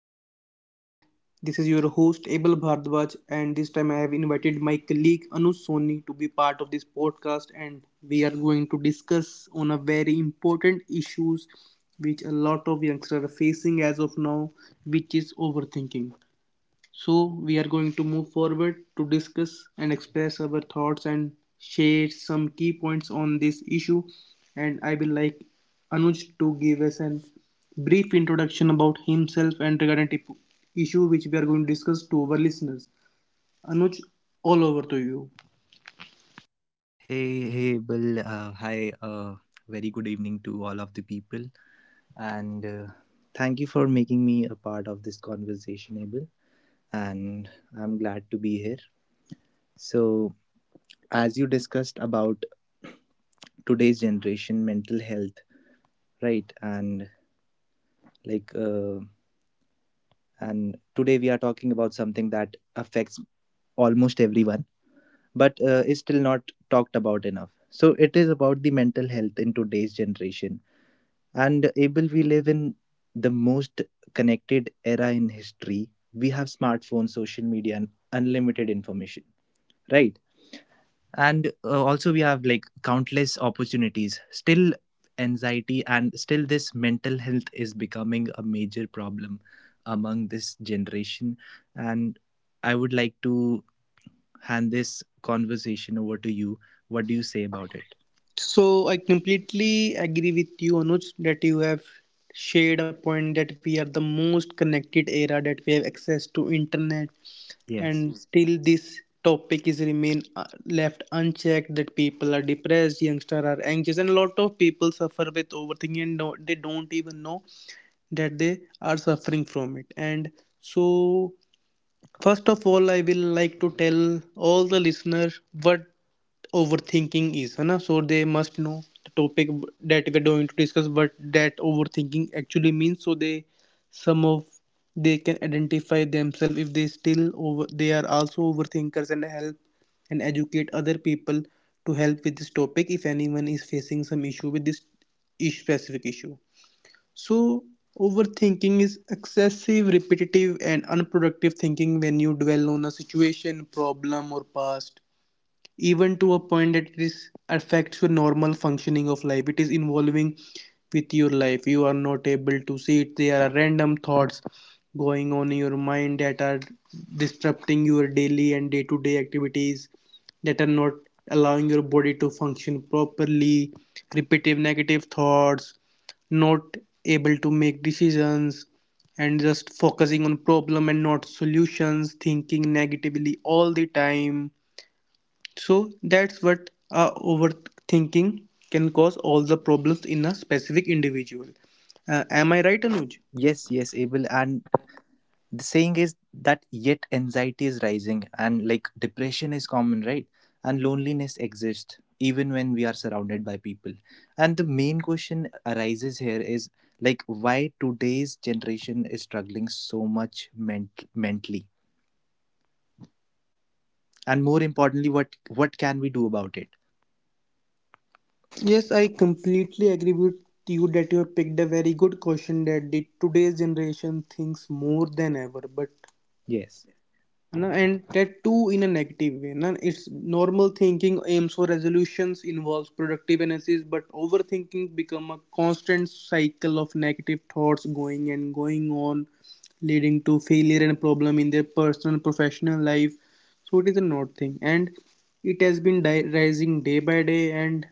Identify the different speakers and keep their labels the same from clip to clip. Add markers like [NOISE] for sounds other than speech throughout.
Speaker 1: podcast. And this is your host, Abel Bhardwaj. And this time, I have invited my colleague Anu Soni to be part of this podcast. And we are going to discuss on a very important issues which a lot of youngsters are facing as of now, which is overthinking. So, we are going to move forward to discuss and express our thoughts and share some key points on this issue. And I will like Anuj to give us a brief introduction about himself and regarding the issue which we are going to discuss to our listeners. Anuj, all over to you.
Speaker 2: Hey, Bill. Hi. Very good evening to all of the people, and thank you for making me a part of this conversation, Abel. And I'm glad to be here. So, as you discussed about today's generation, mental health, right? And like, uh, and today we are talking about something that affects almost everyone but is still not talked about enough. So it is about the mental health in today's generation. And able we live in the most connected era in history. We have smartphones, social media, and unlimited information, right? And also we have like countless opportunities. Still, anxiety and still this mental health is becoming a major problem among this generation. And I would like to hand this conversation over to you. What do you say about it?
Speaker 1: So I completely agree with you, Anuj, that you have shared a point that we are the most connected era that we have access to internet,
Speaker 2: Yes.
Speaker 1: and still this topic is remain, left unchecked, that people are depressed, youngsters are anxious, and a lot of people suffer with overthinking and don't, they don't even know that they are suffering from it, and so first of all, I will like to tell all the listeners what overthinking is, है ना? So they must know the topic that we're going to discuss, what that overthinking actually means. So they, some of they can identify themselves if they are also overthinkers, and help and educate other people to help with this topic if anyone is facing some issue with this specific issue. So, overthinking is excessive, repetitive, and unproductive thinking when you dwell on a situation, problem, or past, even to a point that it is affects your normal functioning of life, it is involving with your life, you are not able to see it, there are random thoughts going on in your mind that are disrupting your daily and day-to-day activities, that are not allowing your body to function properly, repetitive negative thoughts, not able to make decisions, and just focusing on problem and not solutions, thinking negatively all the time. So that's what overthinking can cause all the problems in a specific individual. Am I right, Anuj?
Speaker 2: Yes, yes, Abel. And the saying is that yet anxiety is rising and like depression is common, right? And loneliness exists even when we are surrounded by people. And the main question arises here is like why today's generation is struggling so much mentally, and more importantly, what can we do about it?
Speaker 1: Yes, I completely agree with you that you have picked a very good question that the today's generation thinks more than ever, but
Speaker 2: Yes.
Speaker 1: no, and that too in a negative way. No, it's normal thinking aims for resolutions, involves productive analysis, but overthinking become a constant cycle of negative thoughts going and going on, leading to failure and problem in their personal professional life. So it is a not thing, and it has been rising day by day. And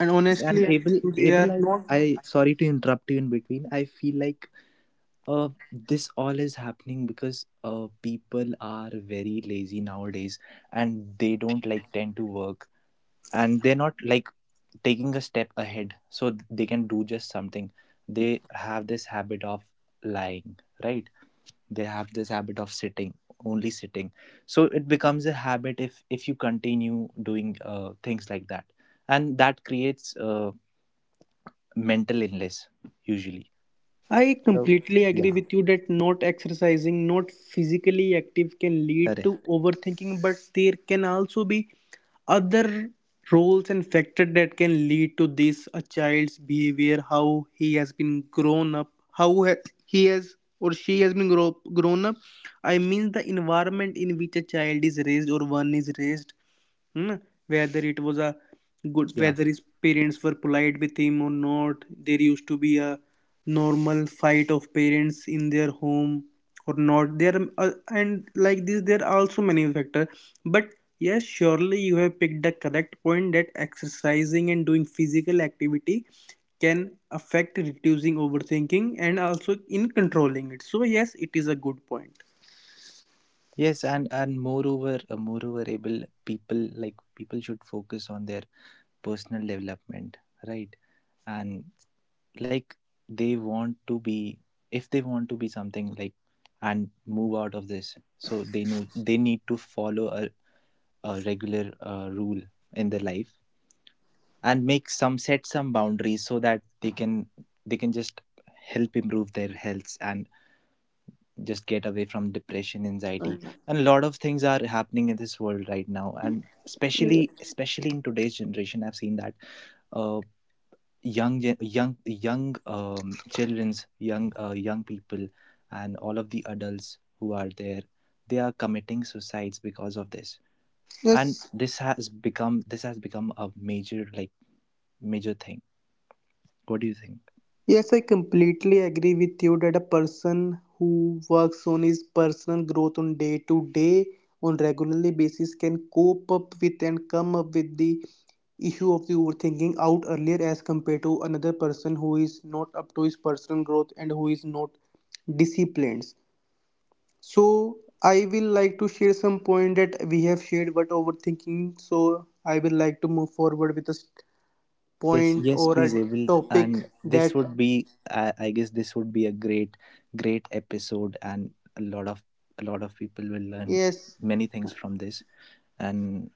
Speaker 2: Yes,
Speaker 1: honestly,
Speaker 2: and
Speaker 1: I
Speaker 2: Abel,
Speaker 1: think we are
Speaker 2: Abel, I,
Speaker 1: not.
Speaker 2: I sorry to interrupt you in between. I feel like this all is happening because people are very lazy nowadays, and they don't like tend to work, and they're not like taking a step ahead, so they can do just something. They have this habit of lying, right? They have this habit of sitting, only sitting. So it becomes a habit if you continue doing things like that, and that creates mental illness usually.
Speaker 1: I
Speaker 2: So,
Speaker 1: completely agree
Speaker 2: yeah,
Speaker 1: with you that not exercising, not physically active can lead to
Speaker 2: correct.
Speaker 1: overthinking, but there can also be other roles and factors that can lead to this, a child's behavior, how he has been grown up, he has or she has been grown up. I mean, the environment in which a child is raised or one is raised. Hmm? Whether it was a good,
Speaker 2: Yeah.
Speaker 1: whether his parents were polite with him or not, there used to be a normal fight of parents in their home or not. There are, and like this, there are also many factors. But yes, surely you have picked the correct point that exercising and doing physical activity can affect reducing overthinking and also in controlling it. So yes, it is a good point.
Speaker 2: Yes, and moreover, moreover able people like people should focus on their personal development, right? And like, they want to be, if they want to be something like, and move out of this, so they know they need to follow a regular rule in their life, and make some set some boundaries so that they can, they can just help improve their health and just get away from depression, anxiety. And a lot of things are happening in this world right now, and especially in today's generation, I've seen that uh, young gen- young young children's young young people and all of the adults who are there, they are committing suicides because of this. And
Speaker 1: Yes,
Speaker 2: this has become a major like major thing. What do you think?
Speaker 1: yes, I completely agree with you that a person who works on his personal growth on day to day, on regularly basis, can cope up with and come up with the issue of the overthinking out earlier as compared to another person who is not up to his personal growth and who is not disciplined. So I will like to share some point that we have shared about overthinking. So I will like to move forward with
Speaker 2: Yes,
Speaker 1: point
Speaker 2: yes,
Speaker 1: or
Speaker 2: please,
Speaker 1: a
Speaker 2: Evil.
Speaker 1: topic
Speaker 2: And this
Speaker 1: that
Speaker 2: would be, I guess, this would be a great, great episode, and a lot of a lot of people will learn
Speaker 1: yes.
Speaker 2: many things from this, and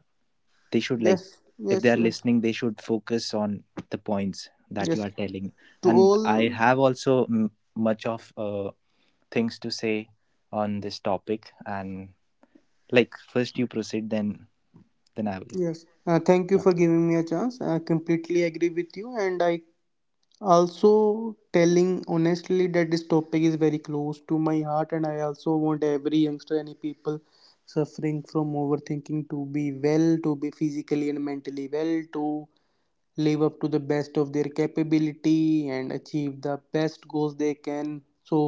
Speaker 2: they should like,
Speaker 1: Yes,
Speaker 2: if they
Speaker 1: yes,
Speaker 2: are
Speaker 1: yes,
Speaker 2: listening, they should focus on the points that you
Speaker 1: yes.
Speaker 2: are telling.
Speaker 1: To
Speaker 2: And I
Speaker 1: all,
Speaker 2: have also m- much of things to say on this topic, and like first you proceed, then I will.
Speaker 1: yes. Thank you
Speaker 2: Yeah.
Speaker 1: for giving me a chance. I completely agree with you, and I also telling honestly that this topic is very close to my heart, and I also want every youngster, any people suffering from overthinking to be well, to be physically and mentally well, to live up to the best of their capability and achieve the best goals they can. So,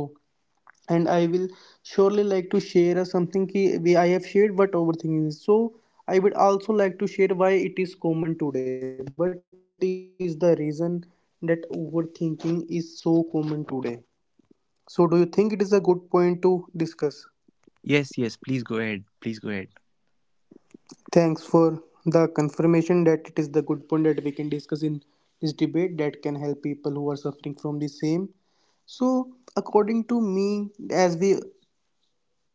Speaker 1: and I will surely like to share a something ki we I have shared what overthinking is. So I would also like to share why it is common today. What is the reason that overthinking is so common today? So do you think it is a good point to discuss?
Speaker 2: Yes, yes. Please go ahead. Please go ahead.
Speaker 1: Thanks for the confirmation that it is the good point that we can discuss in this debate that can help people who are suffering from the same. So, according to me, as we,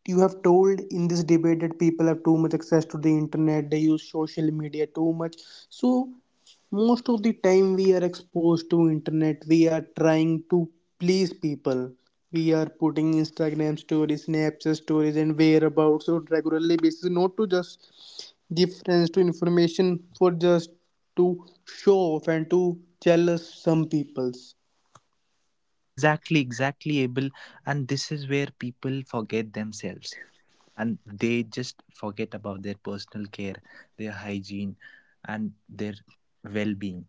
Speaker 1: you have told in this debate that people have too much access to the internet, they use social media too much. So most of the time we are exposed to internet, we are trying to please people. We are putting Instagram stories, Snapchat stories and whereabouts on regularly basis, not to just give friends to information, for just to show off and to jealous some peoples.
Speaker 2: And exactly able, and this is where people forget themselves, and they just forget about their personal care, their hygiene, and their well-being.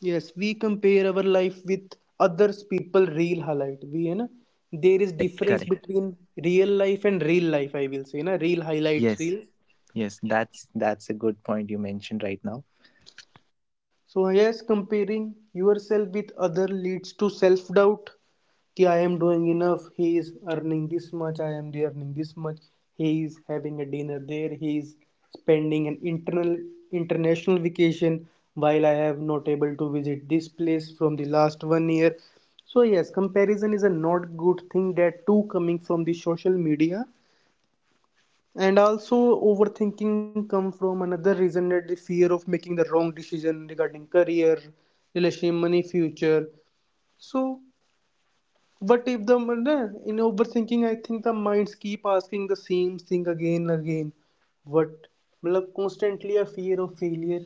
Speaker 1: Yes, we compare our life with others people real highlight. We, you know, there is
Speaker 2: Correct,
Speaker 1: difference
Speaker 2: correct.
Speaker 1: between real life and real life. I will say, na, real highlight
Speaker 2: Yes,
Speaker 1: real.
Speaker 2: yes, that's a good point you mentioned right now.
Speaker 1: So, yes, comparing yourself with other leads to self doubt. Ki I am doing enough. He is earning this much. I am earning this much. He is having a dinner there. He is spending an internal international vacation while I have not able to visit this place from the last one year. So yes, comparison is a not good thing, that too coming from the social media. And also, overthinking come from another reason, that the fear of making the wrong decision regarding career, relationship, money, future. So, what if the, in overthinking? I think the minds keep asking the same thing again and again. What, मतलब constantly a fear of failure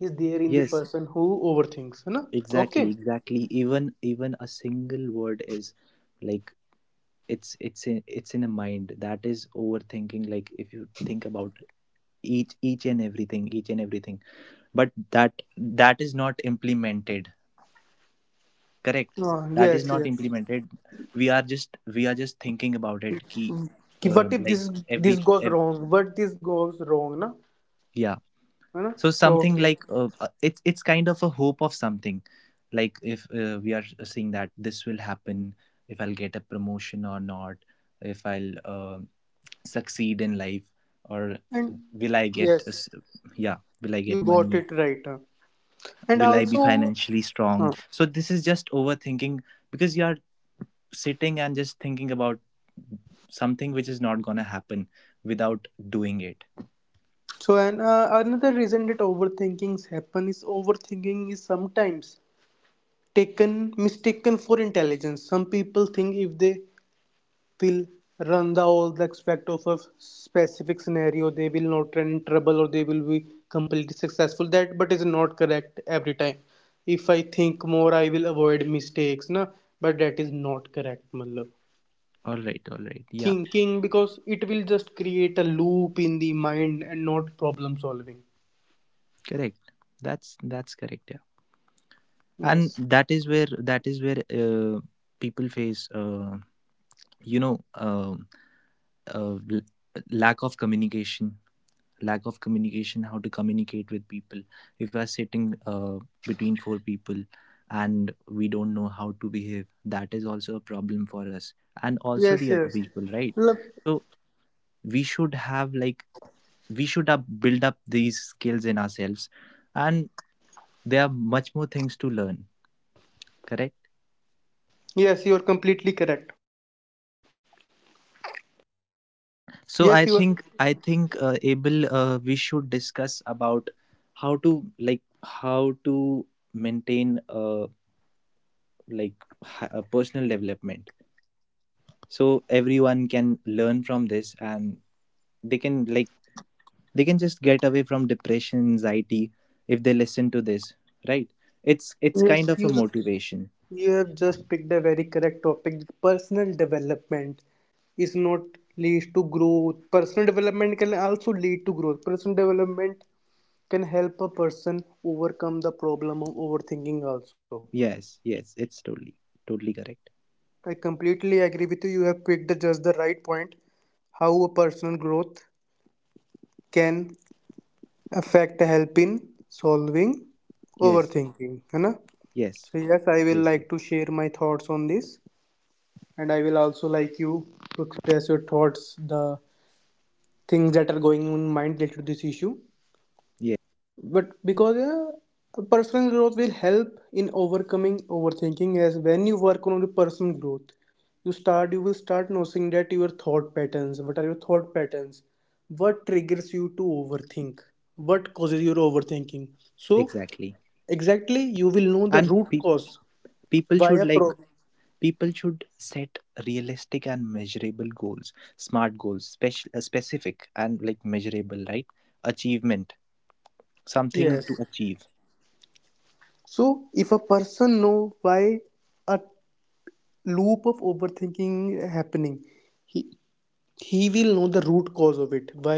Speaker 1: is there in the
Speaker 2: Yes,
Speaker 1: person who overthinks, है ना?
Speaker 2: exactly
Speaker 1: Okay.
Speaker 2: exactly even a single word is like, it's in a mind that is overthinking. Like if you think about each and everything, each and everything, but that is not implemented, correct,
Speaker 1: Ah,
Speaker 2: that is
Speaker 1: yes,
Speaker 2: not
Speaker 1: yes.
Speaker 2: implemented. We are just thinking about it ki
Speaker 1: कि what if this,
Speaker 2: like every
Speaker 1: this goes
Speaker 2: ev-
Speaker 1: wrong? What this goes wrong, ना?
Speaker 2: yeah
Speaker 1: है ना?
Speaker 2: So
Speaker 1: So
Speaker 2: something
Speaker 1: okay.
Speaker 2: like it's kind of a hope of something, like if we are seeing that this will happen. If I'll get a promotion or not, if I'll uh, succeed in life or,
Speaker 1: And yes.
Speaker 2: will I
Speaker 1: You
Speaker 2: get
Speaker 1: got
Speaker 2: money,
Speaker 1: it right. Huh? And
Speaker 2: will I be
Speaker 1: also,
Speaker 2: financially strong?
Speaker 1: uh,
Speaker 2: So this is just overthinking, because you are sitting and just thinking about something which is not going to happen without doing it.
Speaker 1: so, and another reason that overthinkings happen is overthinking is sometimes taken mistaken for intelligence. Some people think if they will run the all the aspect of a specific scenario, they will not run in trouble or they will be completely successful. That but is not correct every time. If I think more, I will avoid mistakes, na. But that is not correct, malab.
Speaker 2: All right, all right, yeah,
Speaker 1: Thinking, because it will just create a loop in the mind and not problem solving.
Speaker 2: correct. That's correct. Yeah, and
Speaker 1: Yes,
Speaker 2: that is where people face you know um uh, l- lack of communication, lack of communication, how to communicate with people. If we're sitting between four people and we don't know how to behave, that is also a problem for us and also
Speaker 1: yes,
Speaker 2: the other
Speaker 1: yes.
Speaker 2: people, right?
Speaker 1: Look,
Speaker 2: So we should have like, we should up, build up these skills in ourselves, and there are much more things to learn, correct.
Speaker 1: yes, you are completely correct.
Speaker 2: So
Speaker 1: Yes,
Speaker 2: i
Speaker 1: you are.
Speaker 2: think i think uh, Abel, we should discuss about how to like how to maintain a like personal development, so everyone can learn from this, and they can like, they can just get away from depression, anxiety, if they listen to this, right? It's
Speaker 1: Yes,
Speaker 2: kind of
Speaker 1: you
Speaker 2: a motivation.
Speaker 1: you have just picked a very correct topic. Personal development is not leads to growth, personal development can also lead to growth, personal development can help a person overcome the problem of overthinking also.
Speaker 2: Yes, yes, it's totally, totally correct.
Speaker 1: I completely agree with you. You have picked just the right point. How a personal growth can affect, help in solving
Speaker 2: Yes,
Speaker 1: overthinking. है ना?
Speaker 2: yes,
Speaker 1: So yes, I will
Speaker 2: yes. Yes,
Speaker 1: like to share my thoughts on this, and I will also like you to express your thoughts, the things that are going in mind related to this issue.
Speaker 2: yes,
Speaker 1: But because yeah, personal growth will help in overcoming overthinking as when you work on the personal growth, you will start noticing that your thought patterns, what are your thought patterns, what triggers you to overthink, what causes your overthinking. So
Speaker 2: exactly.
Speaker 1: exactly you will know the
Speaker 2: And
Speaker 1: root cause,
Speaker 2: people
Speaker 1: why
Speaker 2: should
Speaker 1: a
Speaker 2: like,
Speaker 1: problem.
Speaker 2: people should set realistic and measurable goals, smart goals, special, specific and like measurable, right? Achievement, something to
Speaker 1: Yes,
Speaker 2: achieve.
Speaker 1: so if a person know why a loop of overthinking happening, he he will know the root cause of it, why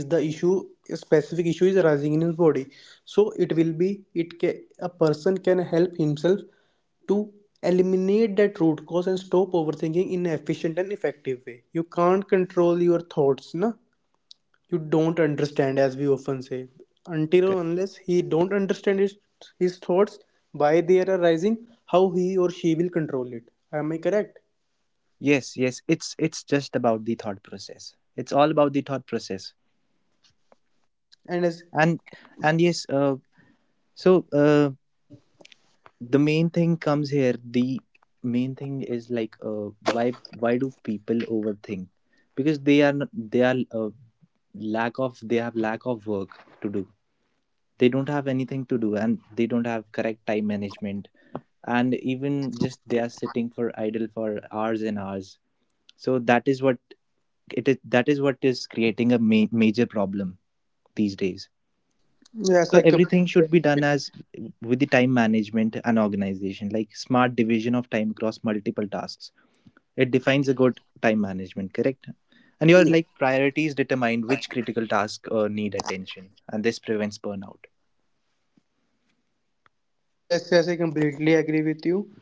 Speaker 1: is the issue, a specific issue is arising in his body. So it will be, a person can help himself to eliminate that root cause and stop overthinking in an efficient and effective way. You can't control your thoughts, na. You don't understand, as we often say, until or
Speaker 2: Okay.
Speaker 1: unless he don't understand his thoughts, why they are arising, how he or she will control it. Am I correct?
Speaker 2: Yes, yes, it's just about the thought process, it's all about the thought process.
Speaker 1: And as
Speaker 2: and and yes, so uh, the main thing comes here, the main thing is like, why do people overthink? Because they are n- they are lack of they have lack of work to do, they don't have anything to do, and they don't have correct time management, and even just they are sitting for idle for hours and hours. So that is what it is, that is what is creating a major problem these days.
Speaker 1: yes,
Speaker 2: So
Speaker 1: I completely
Speaker 2: everything should be
Speaker 1: agree
Speaker 2: done
Speaker 1: with
Speaker 2: as with the time management and organization, like smart division of time across multiple tasks, it defines a good time management, correct. And your
Speaker 1: you.
Speaker 2: like priorities determine which critical task need attention, and this prevents burnout.
Speaker 1: Yes, yes, I completely agree with you.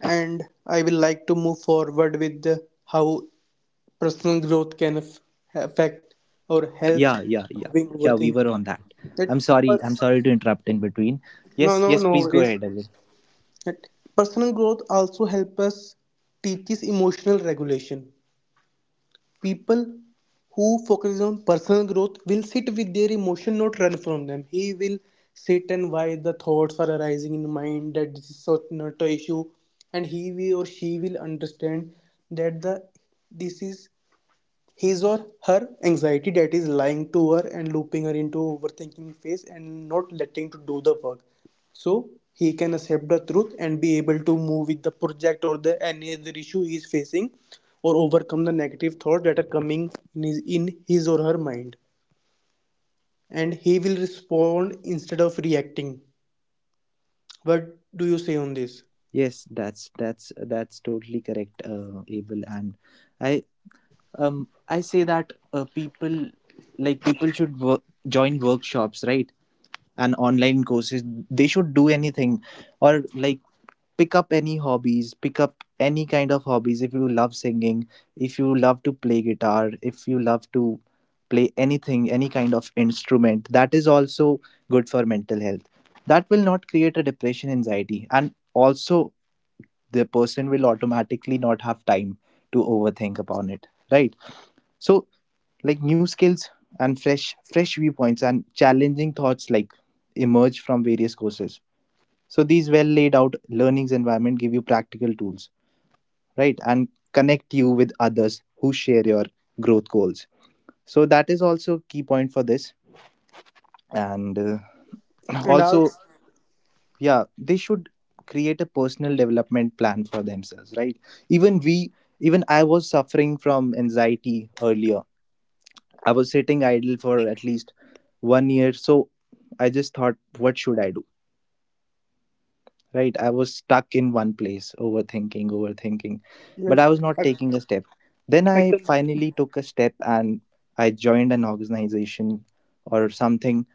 Speaker 1: And I will like to move forward with the, how personal growth can affect or helps
Speaker 2: yeah yeah yeah
Speaker 1: doing
Speaker 2: yeah we were
Speaker 1: overthinking.
Speaker 2: on that.
Speaker 1: That
Speaker 2: i'm sorry i'm
Speaker 1: pers-
Speaker 2: sorry to interrupt in between.
Speaker 1: no,
Speaker 2: Yes,
Speaker 1: no,
Speaker 2: yes,
Speaker 1: no
Speaker 2: please go
Speaker 1: worries.
Speaker 2: ahead, Abel.
Speaker 1: That personal growth also helps us, teaches emotional regulation. People who focuses on personal growth will sit with their emotion, not run from them. He will sit and why the thoughts are arising in mind, that this is such not a issue. And he will or she will understand that the this is his or her anxiety that is lying to her and looping her into overthinking phase and not letting to do the work. So he can accept the truth and be able to move with the project or the any other issue he is facing, or overcome the negative thoughts that are coming in in his or her mind. And he will respond instead of reacting. What do you say on this?
Speaker 2: Yes, that's that's totally correct, Abel. And i I say that people like people should work, join workshops, right? And online courses, they should do anything or like pick up any hobbies, pick up any kind of hobbies. If you love singing, if you love to play guitar, if you love to play anything, any kind of instrument, that is also good for mental health. That will not create a depression, anxiety, and also the person will automatically not have time to overthink upon it, right? So like new skills and fresh viewpoints and challenging thoughts like emerge from various courses. So these well laid out learnings environment give you practical tools, right, and connect you with others who share your growth goals. So that is also key point for this. And [CLEARS THROAT]
Speaker 1: And
Speaker 2: also,
Speaker 1: also,
Speaker 2: yeah, they should create a personal development plan for themselves, right? Even we, even I was suffering from anxiety earlier. I was sitting idle for at least one year. So I just thought, what should I do? Right? I was stuck in one place, overthinking, overthinking, but
Speaker 1: yes.
Speaker 2: I was not
Speaker 1: i,
Speaker 2: taking a step. Then
Speaker 1: I
Speaker 2: I
Speaker 1: com-
Speaker 2: finally took a step and I joined an organization or something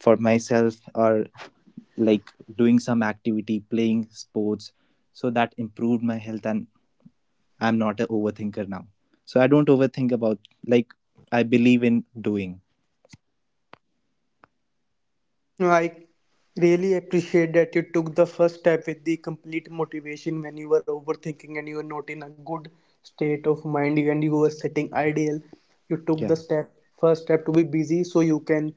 Speaker 2: for myself, or like doing some activity, playing sports. So that improved my health, and I'm not an overthinker now. So I don't overthink about, like, I believe in doing.
Speaker 1: I really appreciate that you took the first step with the complete motivation when you were overthinking and you were not in a good state of mind, and you were setting ideal. You took
Speaker 2: Yeah.
Speaker 1: the step, first step to be busy so you can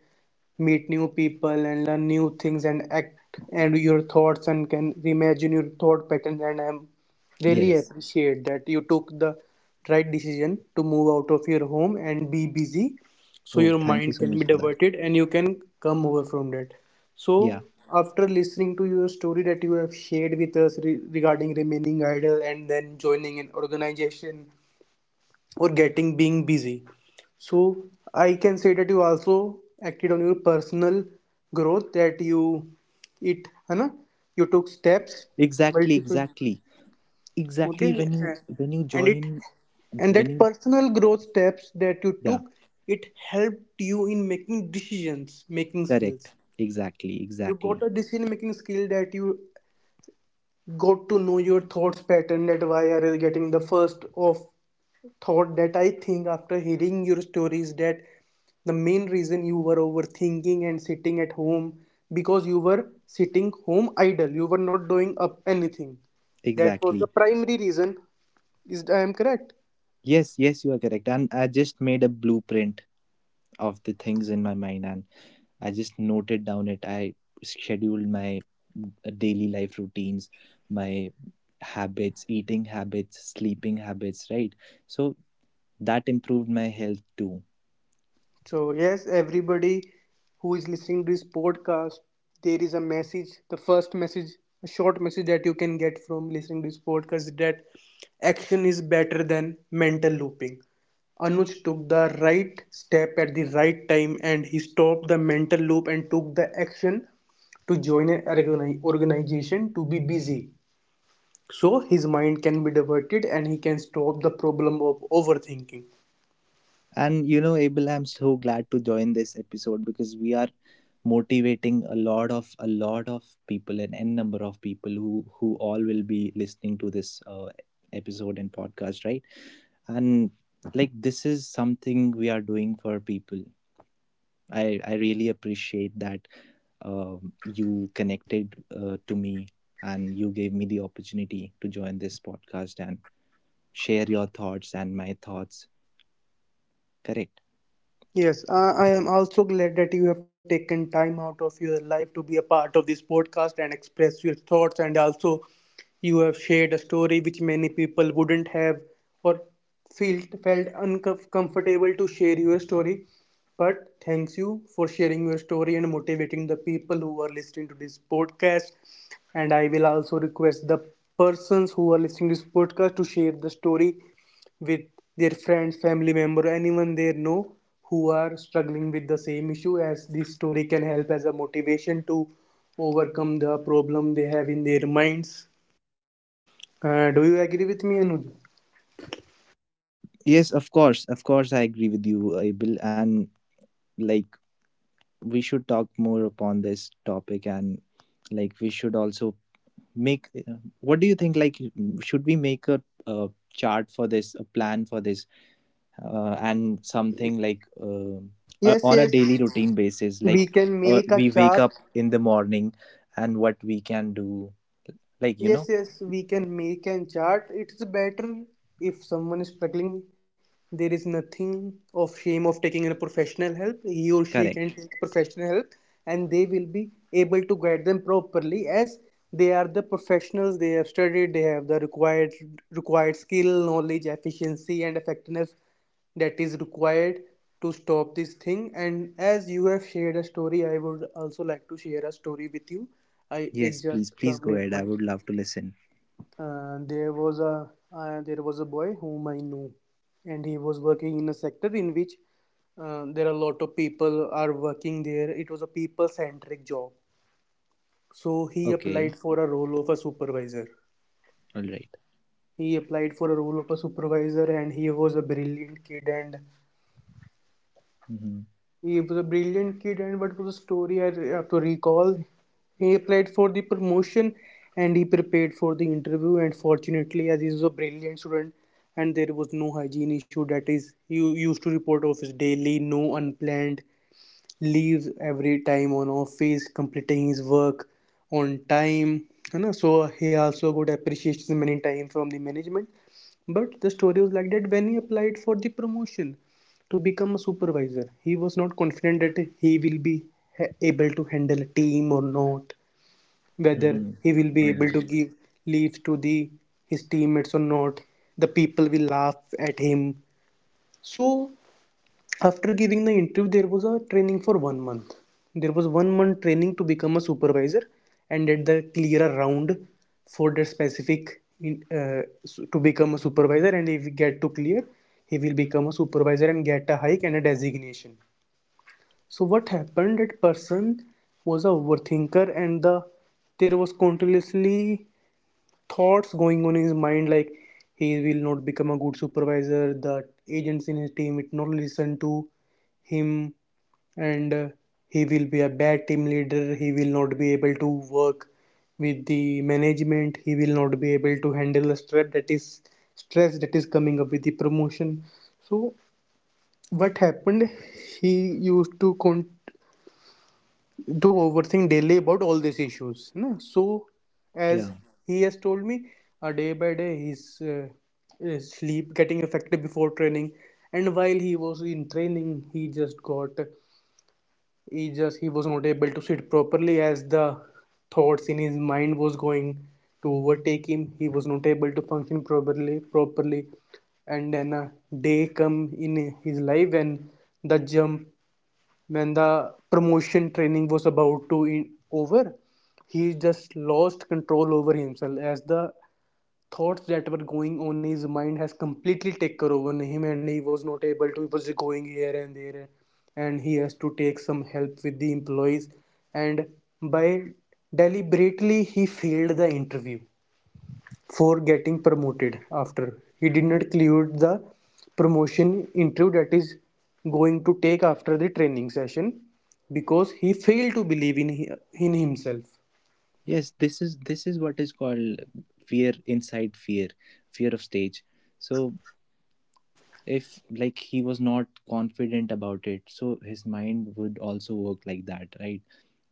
Speaker 1: meet new people and learn new things and act, and your thoughts and can reimagine your thought patterns. And I'm really
Speaker 2: Yes.
Speaker 1: appreciate that you took the right decision to move out of your home and be busy, so
Speaker 2: Oh,
Speaker 1: your
Speaker 2: thank you
Speaker 1: mind
Speaker 2: so
Speaker 1: can
Speaker 2: much
Speaker 1: be
Speaker 2: for that.
Speaker 1: diverted and you can come over from that. So
Speaker 2: Yeah,
Speaker 1: after listening to your story that you have shared with us regarding remaining idle and then joining an organization or getting being busy, so I can say that you also acted on your personal growth, that you it Hannah, you took
Speaker 2: e-
Speaker 1: steps
Speaker 2: exactly,
Speaker 1: multiple.
Speaker 2: exactly,
Speaker 1: Okay.
Speaker 2: exactly. When you
Speaker 1: Yes.
Speaker 2: when you
Speaker 1: And it,
Speaker 2: join,
Speaker 1: and
Speaker 2: when
Speaker 1: that
Speaker 2: you,
Speaker 1: personal growth steps that you
Speaker 2: yeah,
Speaker 1: took, it helped you in making decisions, making
Speaker 2: correct.
Speaker 1: skills.
Speaker 2: Exactly,
Speaker 1: You
Speaker 2: exactly,
Speaker 1: got a decision making skill, that you got to know your thoughts pattern, that why are you getting the first off thought. That I think after hearing your stories, that the main reason you were overthinking and sitting at home, because you were sitting home idle. You were not doing up anything. That was the
Speaker 2: exactly.
Speaker 1: primary reason. Is I am correct?
Speaker 2: Yes, yes, you are correct. And I just made a blueprint of the things in my mind, and I just noted down it. I scheduled my daily life routines, my habits, eating habits, sleeping habits. Right. So that improved my health too.
Speaker 1: So, yes, everybody who is listening to this podcast, there is a message. The first message, a short message that you can get from listening to this podcast is that action is better than mental looping. Anuj took the right step at the right time, and he stopped the mental loop and took the action to join an organization to be busy. So his mind can be diverted and he can stop the problem of overthinking.
Speaker 2: And you know, Abel, I'm so glad to join this episode because we are motivating a lot of people, an n number of people who all will be listening to this episode and podcast, right? And like this is something we are doing for people. I really appreciate that you connected to me, and you gave me the opportunity to join this podcast and share your thoughts and my thoughts. Correct.
Speaker 1: Yes, I am also glad that you have taken time out of your life to be a part of this podcast and express your thoughts. And also, you have shared a story which many people wouldn't have, or felt uncomfortable to share your story. But thanks you for sharing your story and motivating the people who are listening to this podcast. And I will also request the persons who are listening to this podcast to share the story with their friends, family member, anyone they know who are struggling with the same issue, as this story can help as a motivation to overcome the problem they have in their minds. Do you agree with me, Anuj?
Speaker 2: Yes, of course, I agree with you, Abel. And like, we should talk more upon this topic, and like, we should also make. What do you think? Like, should we make a chart for this, a plan for this, and something like
Speaker 1: Yes,
Speaker 2: on a
Speaker 1: yes.
Speaker 2: daily routine basis? Like,
Speaker 1: We can make a
Speaker 2: we wake
Speaker 1: chart.
Speaker 2: up in the morning, and what we can do. Like, you
Speaker 1: Yes,
Speaker 2: know,
Speaker 1: yes, we can make an chart. It's better if someone is struggling. There is nothing of shame of taking in a professional help. He or she
Speaker 2: correct.
Speaker 1: can take professional help, and they will be able to guide them properly, as they are the professionals. They have studied, they have the required skill, knowledge, efficiency and effectiveness that is required to stop this thing. And as you have shared a story, I would also like to share a story with you. I it
Speaker 2: Yes,
Speaker 1: just
Speaker 2: please, please
Speaker 1: come
Speaker 2: go
Speaker 1: in
Speaker 2: ahead. I
Speaker 1: mind.
Speaker 2: would love to listen.
Speaker 1: Uh, there was a there was a boy whom I knew, and he was working in a sector in which there are a lot of people are working there. It was a people-centric job. So he
Speaker 2: Okay.
Speaker 1: applied for a role of a supervisor.
Speaker 2: All right.
Speaker 1: He applied for a role of a supervisor, and
Speaker 2: Mm-hmm.
Speaker 1: he was a brilliant kid, and what was the story I have to recall? He applied for the promotion and he prepared for the interview. And fortunately, as he was a brilliant student, and there was no hygiene issue, that is, he used to report office daily, no unplanned leaves, every time on office, completing his work on time, you know. So he also got appreciation many times from the management. But the story was like that, when he applied for the promotion to become a supervisor, he was not confident that he will be able to handle a team or not, whether
Speaker 2: Mm-hmm.
Speaker 1: he will be
Speaker 2: All
Speaker 1: able
Speaker 2: right.
Speaker 1: to give leaves to the his teammates or not, the people will laugh at him. So after giving the interview, there was a training for 1 month. There was 1 month training to become a supervisor, and at the clear a round for that specific to become a supervisor, and if he get to clear, he will become a supervisor and get a hike and a designation. So what happened, that person was a overthinker, and the there was continuously thoughts going on in his mind, like he will not become a good supervisor, the agents in his team will not listen to him, and he will be a bad team leader, he will not be able to work with the management, he will not be able to handle the stress that is coming up with the promotion. So what happened, he used to con- do overthink daily about all these issues. Na? So, as
Speaker 2: Yeah.
Speaker 1: he has told me, day by day his sleep getting affected before training, and while he was in training, he just got he just he was not able to sit properly, as the thoughts in his mind was going to overtake him. He was not able to function properly, and then a day come in his life when the jump when the promotion training was about to over, he just lost control over himself, as the thoughts that were going on in his mind has completely taken over him, and he was not able to, he was going here and there, and he has to take some help with the employees. And by deliberately he failed the interview for getting promoted, after he did not clear the promotion interview that is going to take after the training session, because he failed to believe in himself.
Speaker 2: Yes, this is what is called fear inside fear, fear of stage. So if like he was not confident about it, so his mind would also work like that, right?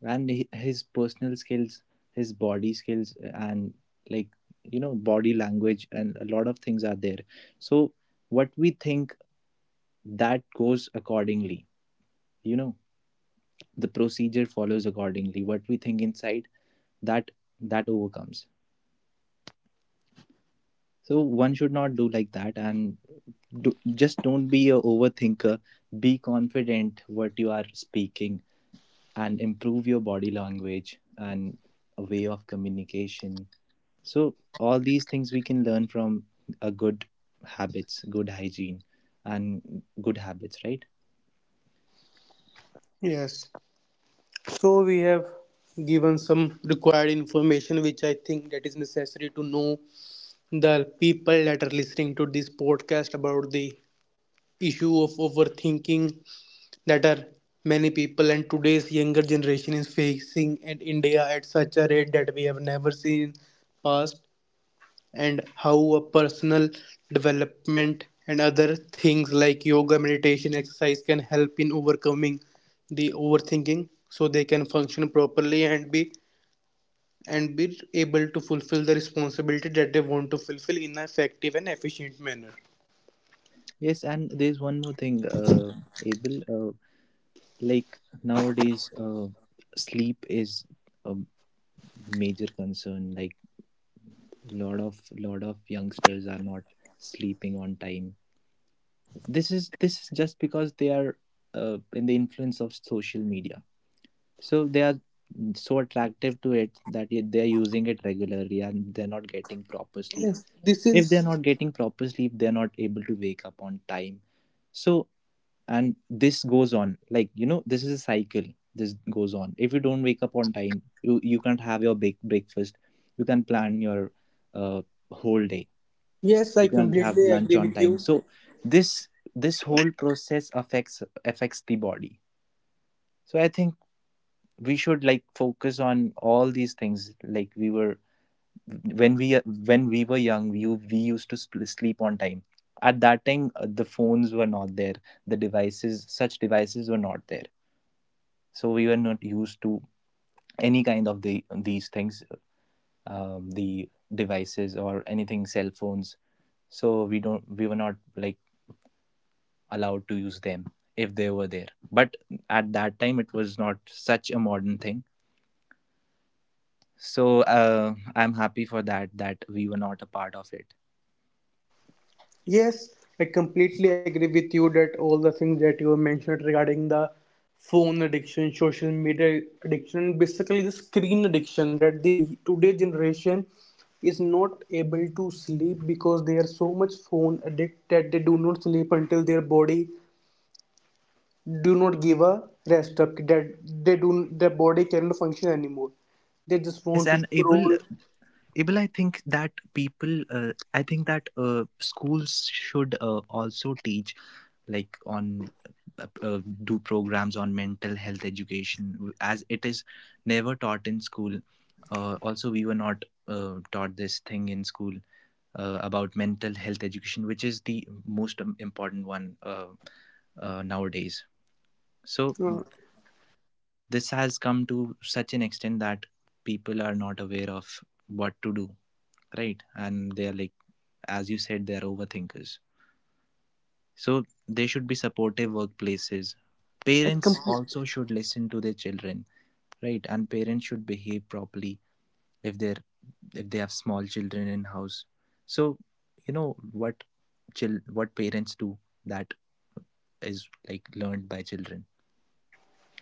Speaker 2: And he, his personal skills, his body skills, and like you know body language and a lot of things are there. So what we think, that goes accordingly. You know the procedure follows accordingly. What we think inside, that that overcomes. So one should not do like that and just don't be a overthinker, be confident what you are speaking and improve your body language and a way of communication. So all these things we can learn from a good habits, good hygiene, and good habits, right?
Speaker 1: Yes, so we have given some required information which I think that is necessary to know the people that are listening to this podcast about the issue of overthinking, that are many people and today's younger generation is facing in India at such a rate that we have never seen past, and how a personal development and other things like yoga, meditation, exercise can help in overcoming the overthinking, so they can function properly and be able to fulfill the responsibility that they want to fulfill in an effective and efficient manner.
Speaker 2: Yes, and there's one more thing, Abel. uh, like nowadays, sleep is a major concern. Like lot of youngsters are not sleeping on time. This is just because they are in the influence of social media, so they are so attractive to it that they are using it regularly and they're not getting proper sleep.
Speaker 1: Yes, this
Speaker 2: If
Speaker 1: is,
Speaker 2: they're not getting proper sleep, they're not able to wake up on time. So, and this goes on, like you know, this is a cycle. This goes on. If you don't wake up on time, you can't have your big breakfast, you can plan your uh, whole day,
Speaker 1: yes, I
Speaker 2: you can have
Speaker 1: completely
Speaker 2: lunch
Speaker 1: agree
Speaker 2: on
Speaker 1: with
Speaker 2: time.
Speaker 1: you.
Speaker 2: So this this whole process affects the body. So I think we should like focus on all these things. Like we were, when we, when we were young, we used to sleep on time. At that time, the phones were not there, the devices, such devices were not there, so we were not used to any kind of the these things. The devices or anything, cell phones. So we don't, we were not like allowed to use them if they were there. But at that time, it was not such a modern thing. So I'm happy for that, that we were not a part of it.
Speaker 1: Yes, I completely agree with you that all the things that you have mentioned regarding the phone addiction, social media addiction, basically the screen addiction, that the today generation is not able to sleep because they are so much phone addict that they do not sleep until their body do not give a rest up that they do, their body cannot function anymore. They just
Speaker 2: Yes,
Speaker 1: want to
Speaker 2: and Abel,
Speaker 1: scroll.
Speaker 2: Abel, I think that people, I think that schools should also teach, like on, do programs on mental health education, as it is never taught in school. Also, we were not taught this thing in school about mental health education, which is the most important one, nowadays. So
Speaker 1: Uh,
Speaker 2: this has come to such an extent that people are not aware of what to do, right? And they are like, as you said, they are overthinkers, so they should be supportive workplaces,
Speaker 1: I
Speaker 2: parents
Speaker 1: compl-
Speaker 2: also should listen to their children, right? And parents should behave properly if they're, if they have small children in house. So you know what, chil what parents do, that is like learned by children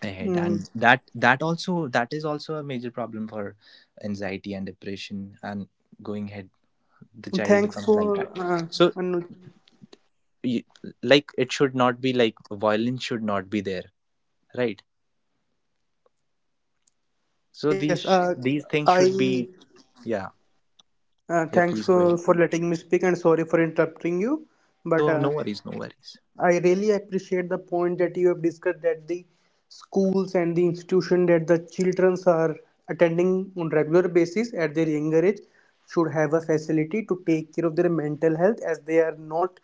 Speaker 2: ahead,
Speaker 1: mm,
Speaker 2: and that also, that is also a major problem for anxiety and depression. And going ahead, the child
Speaker 1: Thanks
Speaker 2: becomes like
Speaker 1: for
Speaker 2: that. So
Speaker 1: Anuj.
Speaker 2: you, like it should not be like, violence should not be there, right? So
Speaker 1: Yes,
Speaker 2: these these things should
Speaker 1: I
Speaker 2: be. Yeah, yeah,
Speaker 1: thanks
Speaker 2: please go ahead.
Speaker 1: for letting me speak, and sorry for interrupting you.
Speaker 2: No,
Speaker 1: But
Speaker 2: no worries, no worries.
Speaker 1: I really appreciate the point that you have discussed, that the schools and the institution that the children are attending on regular basis at their younger age should have a facility to take care of their mental health, as they are not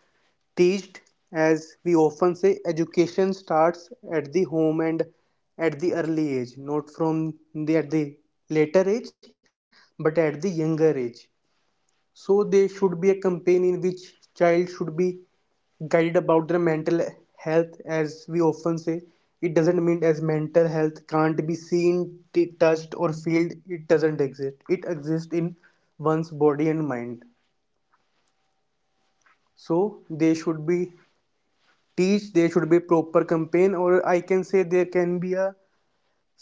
Speaker 1: teached, as we often say education starts at the home and at the early age, not from the at the later age, but at the younger age. So there should be a campaign in which child should be guided about their mental health, as we often say, it doesn't mean as mental health can't be seen, touched or felt, it doesn't exist. It exists in one's body and mind. So they should be teach, there should be a proper campaign, or I can say there can be a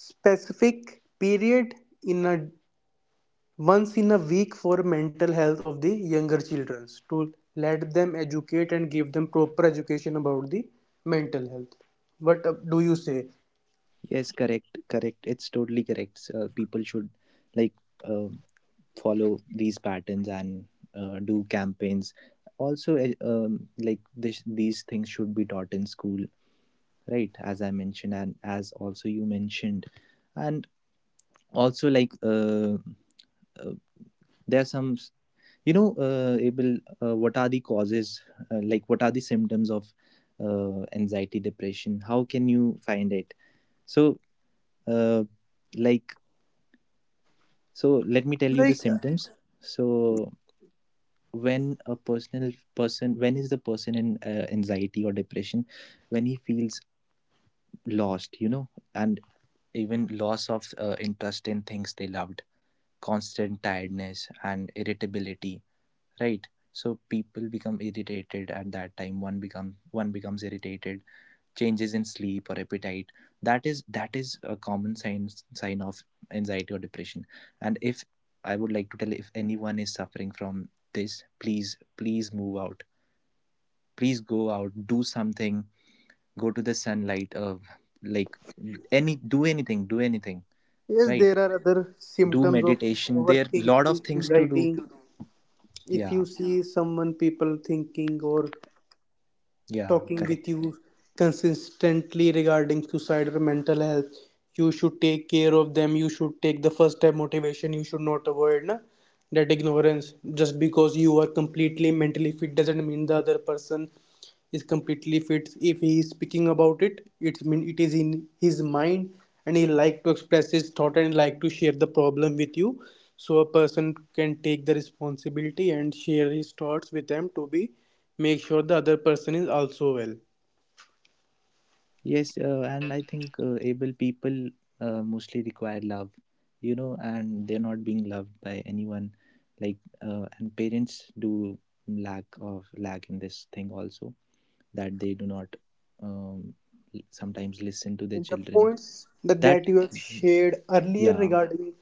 Speaker 1: specific period in a once in a week for mental health of the younger children to let them educate and give them proper education about the mental health. What do you say?
Speaker 2: Yes, correct, correct. It's totally correct. So, people should like uh, follow these patterns and do campaigns. Also, like this, these things should be taught in school, right? As I mentioned, and as also you mentioned, and also like, uh, there are some. You know, Abel, what are the causes? Like, what are the symptoms of anxiety, depression? How can you find it? So, uh, like, so let me tell you the
Speaker 1: Like,
Speaker 2: symptoms. So, when a person, when is the person in anxiety or depression? When he feels lost, you know, and even loss of interest in things they loved, constant tiredness and irritability, right? So people become irritated at that time. One becomes irritated. Changes in sleep or appetite, that is a common sign of anxiety or depression. And if, I would like to tell, if anyone is suffering from this, please move out, please go out, do something. Go to the sunlight of, like, any, do anything,
Speaker 1: yes,
Speaker 2: right?
Speaker 1: there are other
Speaker 2: Do
Speaker 1: symptoms of
Speaker 2: meditation, there are lot
Speaker 1: overthinking,
Speaker 2: of things to do.
Speaker 1: anxiety. If
Speaker 2: Yeah,
Speaker 1: you see someone, people thinking or
Speaker 2: yeah,
Speaker 1: talking
Speaker 2: correct.
Speaker 1: with you consistently regarding suicide or mental health, you should take care of them. You should take the first step motivation. You should not avoid na, that ignorance. Just because you are completely mentally fit doesn't mean the other person is completely fit. If he is speaking about it, it's mean it is in his mind and he like to express his thought and like to share the problem with you, so a person can take the responsibility and share his thoughts with them to be make sure the other person is also well.
Speaker 2: Yes, and I think, able, people mostly require love, you know, and they're not being loved by anyone. Like, and parents do lack in this thing also, that they do not, um, sometimes listen to their
Speaker 1: And the
Speaker 2: children.
Speaker 1: points that
Speaker 2: That,
Speaker 1: you have shared earlier
Speaker 2: yeah,
Speaker 1: regarding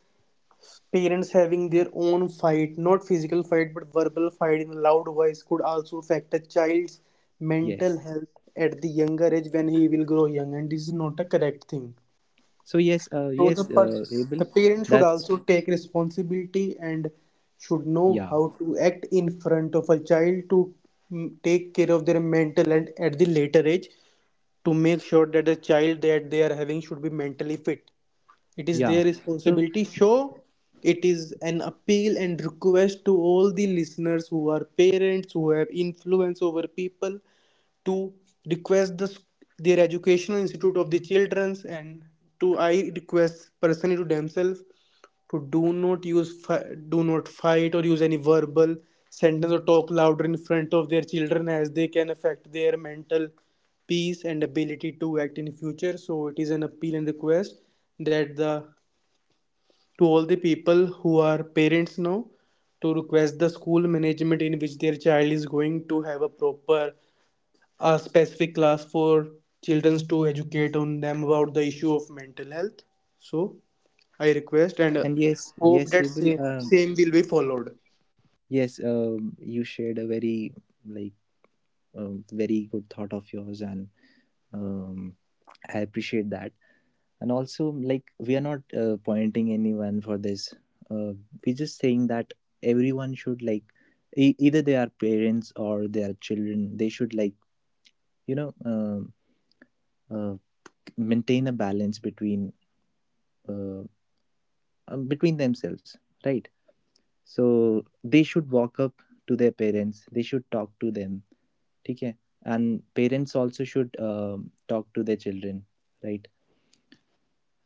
Speaker 1: parents having their own fight, not physical fight but verbal fight in a loud voice, could also affect a child's mental
Speaker 2: yes.
Speaker 1: health at the younger age when he will grow young, and this is not a correct thing.
Speaker 2: So yes,
Speaker 1: So
Speaker 2: yes, able.
Speaker 1: the parents should
Speaker 2: That's
Speaker 1: also take responsibility and should know
Speaker 2: yeah,
Speaker 1: how to act in front of a child to take care of their mental, and at the later age to make sure that the child that they are having should be mentally fit. It is
Speaker 2: yeah.
Speaker 1: their
Speaker 2: So
Speaker 1: responsibility. Sure, it is an appeal and request to all the listeners who are parents who have influence over people to request their educational institute of the children's, and to I request personally to themselves to do not use, do not fight or use any verbal sentence or talk louder in front of their children as they can affect their mental peace and ability to act in future. So it is an appeal and request that the to all the people who are parents now to request the school management in which their child is going to, have a proper a specific class for children to educate on them about the issue of mental health. So I request and
Speaker 2: and yes,
Speaker 1: hope
Speaker 2: yes,
Speaker 1: that
Speaker 2: able.
Speaker 1: same, same will be followed.
Speaker 2: Yes, you shared a very, like, very good thought of yours, and um, I appreciate that. And also like, we are not pointing anyone for this, uh, we're just saying that everyone should like, e- either they are parents or they are children, they should like, you know, uh, maintain a balance between, uh, between themselves, right? So they should walk up to their parents, they should talk to them, okay? And parents also should talk to their children, right?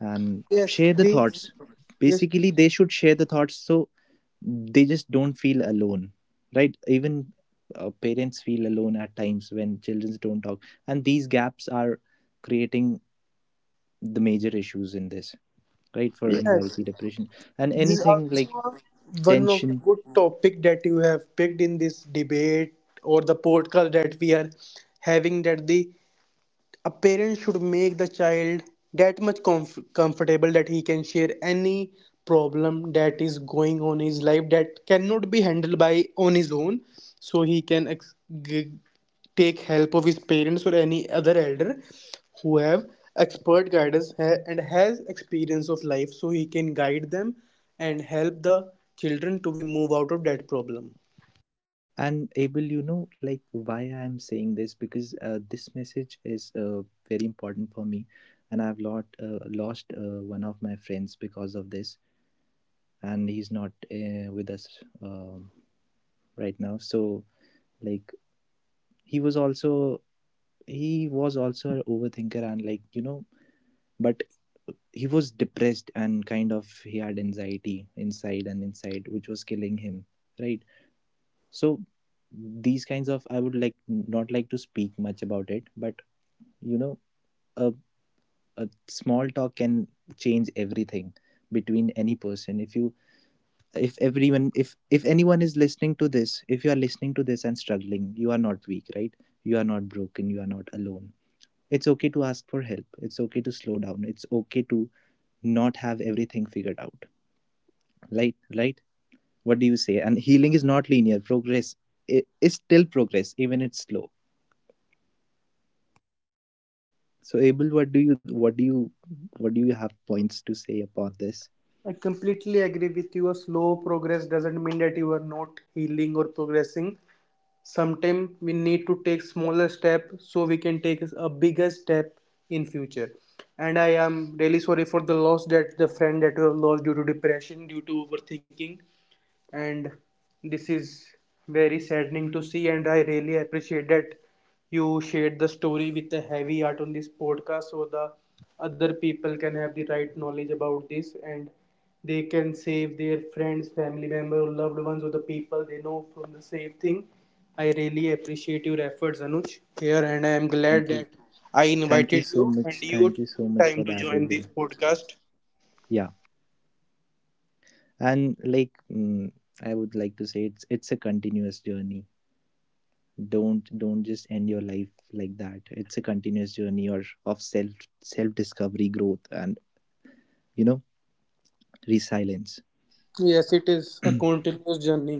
Speaker 2: And
Speaker 1: Yes,
Speaker 2: share the
Speaker 1: this
Speaker 2: thoughts.
Speaker 1: yes
Speaker 2: Basically, they should share the thoughts, so they just don't feel alone, right? Even parents feel alone at times when children don't talk, and these gaps are creating the major issues in this, right? For
Speaker 1: yes.
Speaker 2: anxiety, depression, and
Speaker 1: This is
Speaker 2: anything like
Speaker 1: also one of the
Speaker 2: tension.
Speaker 1: good topic that you have picked in this debate or the podcast that we are having, that the a parent should make the child that much comfortable that he can share any problem that is going on in his life that cannot be handled by on his own, so he can g- take help of his parents or any other elder who have expert guidance and has experience of life, so he can guide them and help the children to be move out of that problem.
Speaker 2: And Abel, you know, like why I am saying this, because this message is very important for me, and I've lot lost one of my friends because of this, and he's not with us, um, right now. So like, he was also he was also an overthinker, and like you know, but he was depressed, and kind of he had anxiety inside and inside which was killing him, right? So these kinds of, I would like not like to speak much about it, but you know, a, a small talk can change everything between any person. If you, if everyone, if anyone is listening to this, if you are listening to this and struggling, you are not weak, right? You are not broken, you are not alone. It's okay to ask for help, it's okay to slow down, it's okay to not have everything figured out, right? Right. What do you say? And healing is not linear progress, is still progress even it's slow. So Abel, what do you what do you what do you have points to say about this?
Speaker 1: I completely agree with you. A slow progress doesn't mean that you are not healing or progressing. Sometimes we need to take smaller step so we can take a bigger step in future. And I am really sorry for the loss that the friend that you have lost due to depression, due to overthinking, and this is very saddening to see, and I really appreciate that you shared the story with a heavy heart on this podcast so the other people can have the right knowledge about this and they can save their friends, family members, loved ones or the people they know from the same thing. I really appreciate your efforts, Anuj, here, and I am
Speaker 2: Thank
Speaker 1: glad
Speaker 2: you.
Speaker 1: that I
Speaker 2: thank you
Speaker 1: invited
Speaker 2: so
Speaker 1: you
Speaker 2: much
Speaker 1: and you
Speaker 2: thank you so
Speaker 1: took
Speaker 2: much for
Speaker 1: time to
Speaker 2: that,
Speaker 1: join
Speaker 2: Abel.
Speaker 1: this podcast.
Speaker 2: Yeah, and like, I would like to say, it's a continuous journey. Don't just end your life like that. It's a continuous journey or of self, self discovery, growth, and you know, resilience.
Speaker 1: Yes, it is a continuous journey.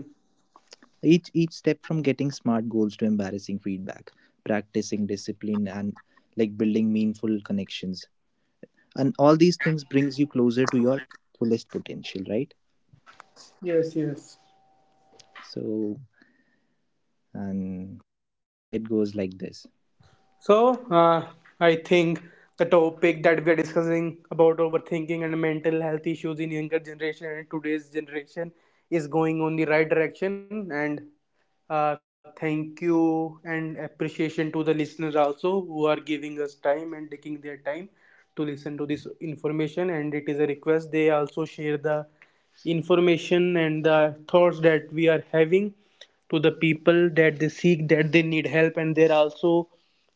Speaker 2: Each step, from getting smart goals to embarrassing feedback, practicing discipline, and like building meaningful connections, and all these things brings you closer to your fullest potential, right?
Speaker 1: Yes, yes.
Speaker 2: So, and it goes like this.
Speaker 1: So, I think the topic that we are discussing about overthinking and mental health issues in younger generation and today's generation is going on the right direction. And thank you and appreciation to the listeners also who are giving us time and taking their time to listen to this information. And it is a request they also share the information and the thoughts that we are having to the people that they seek, that they need help. And they're also,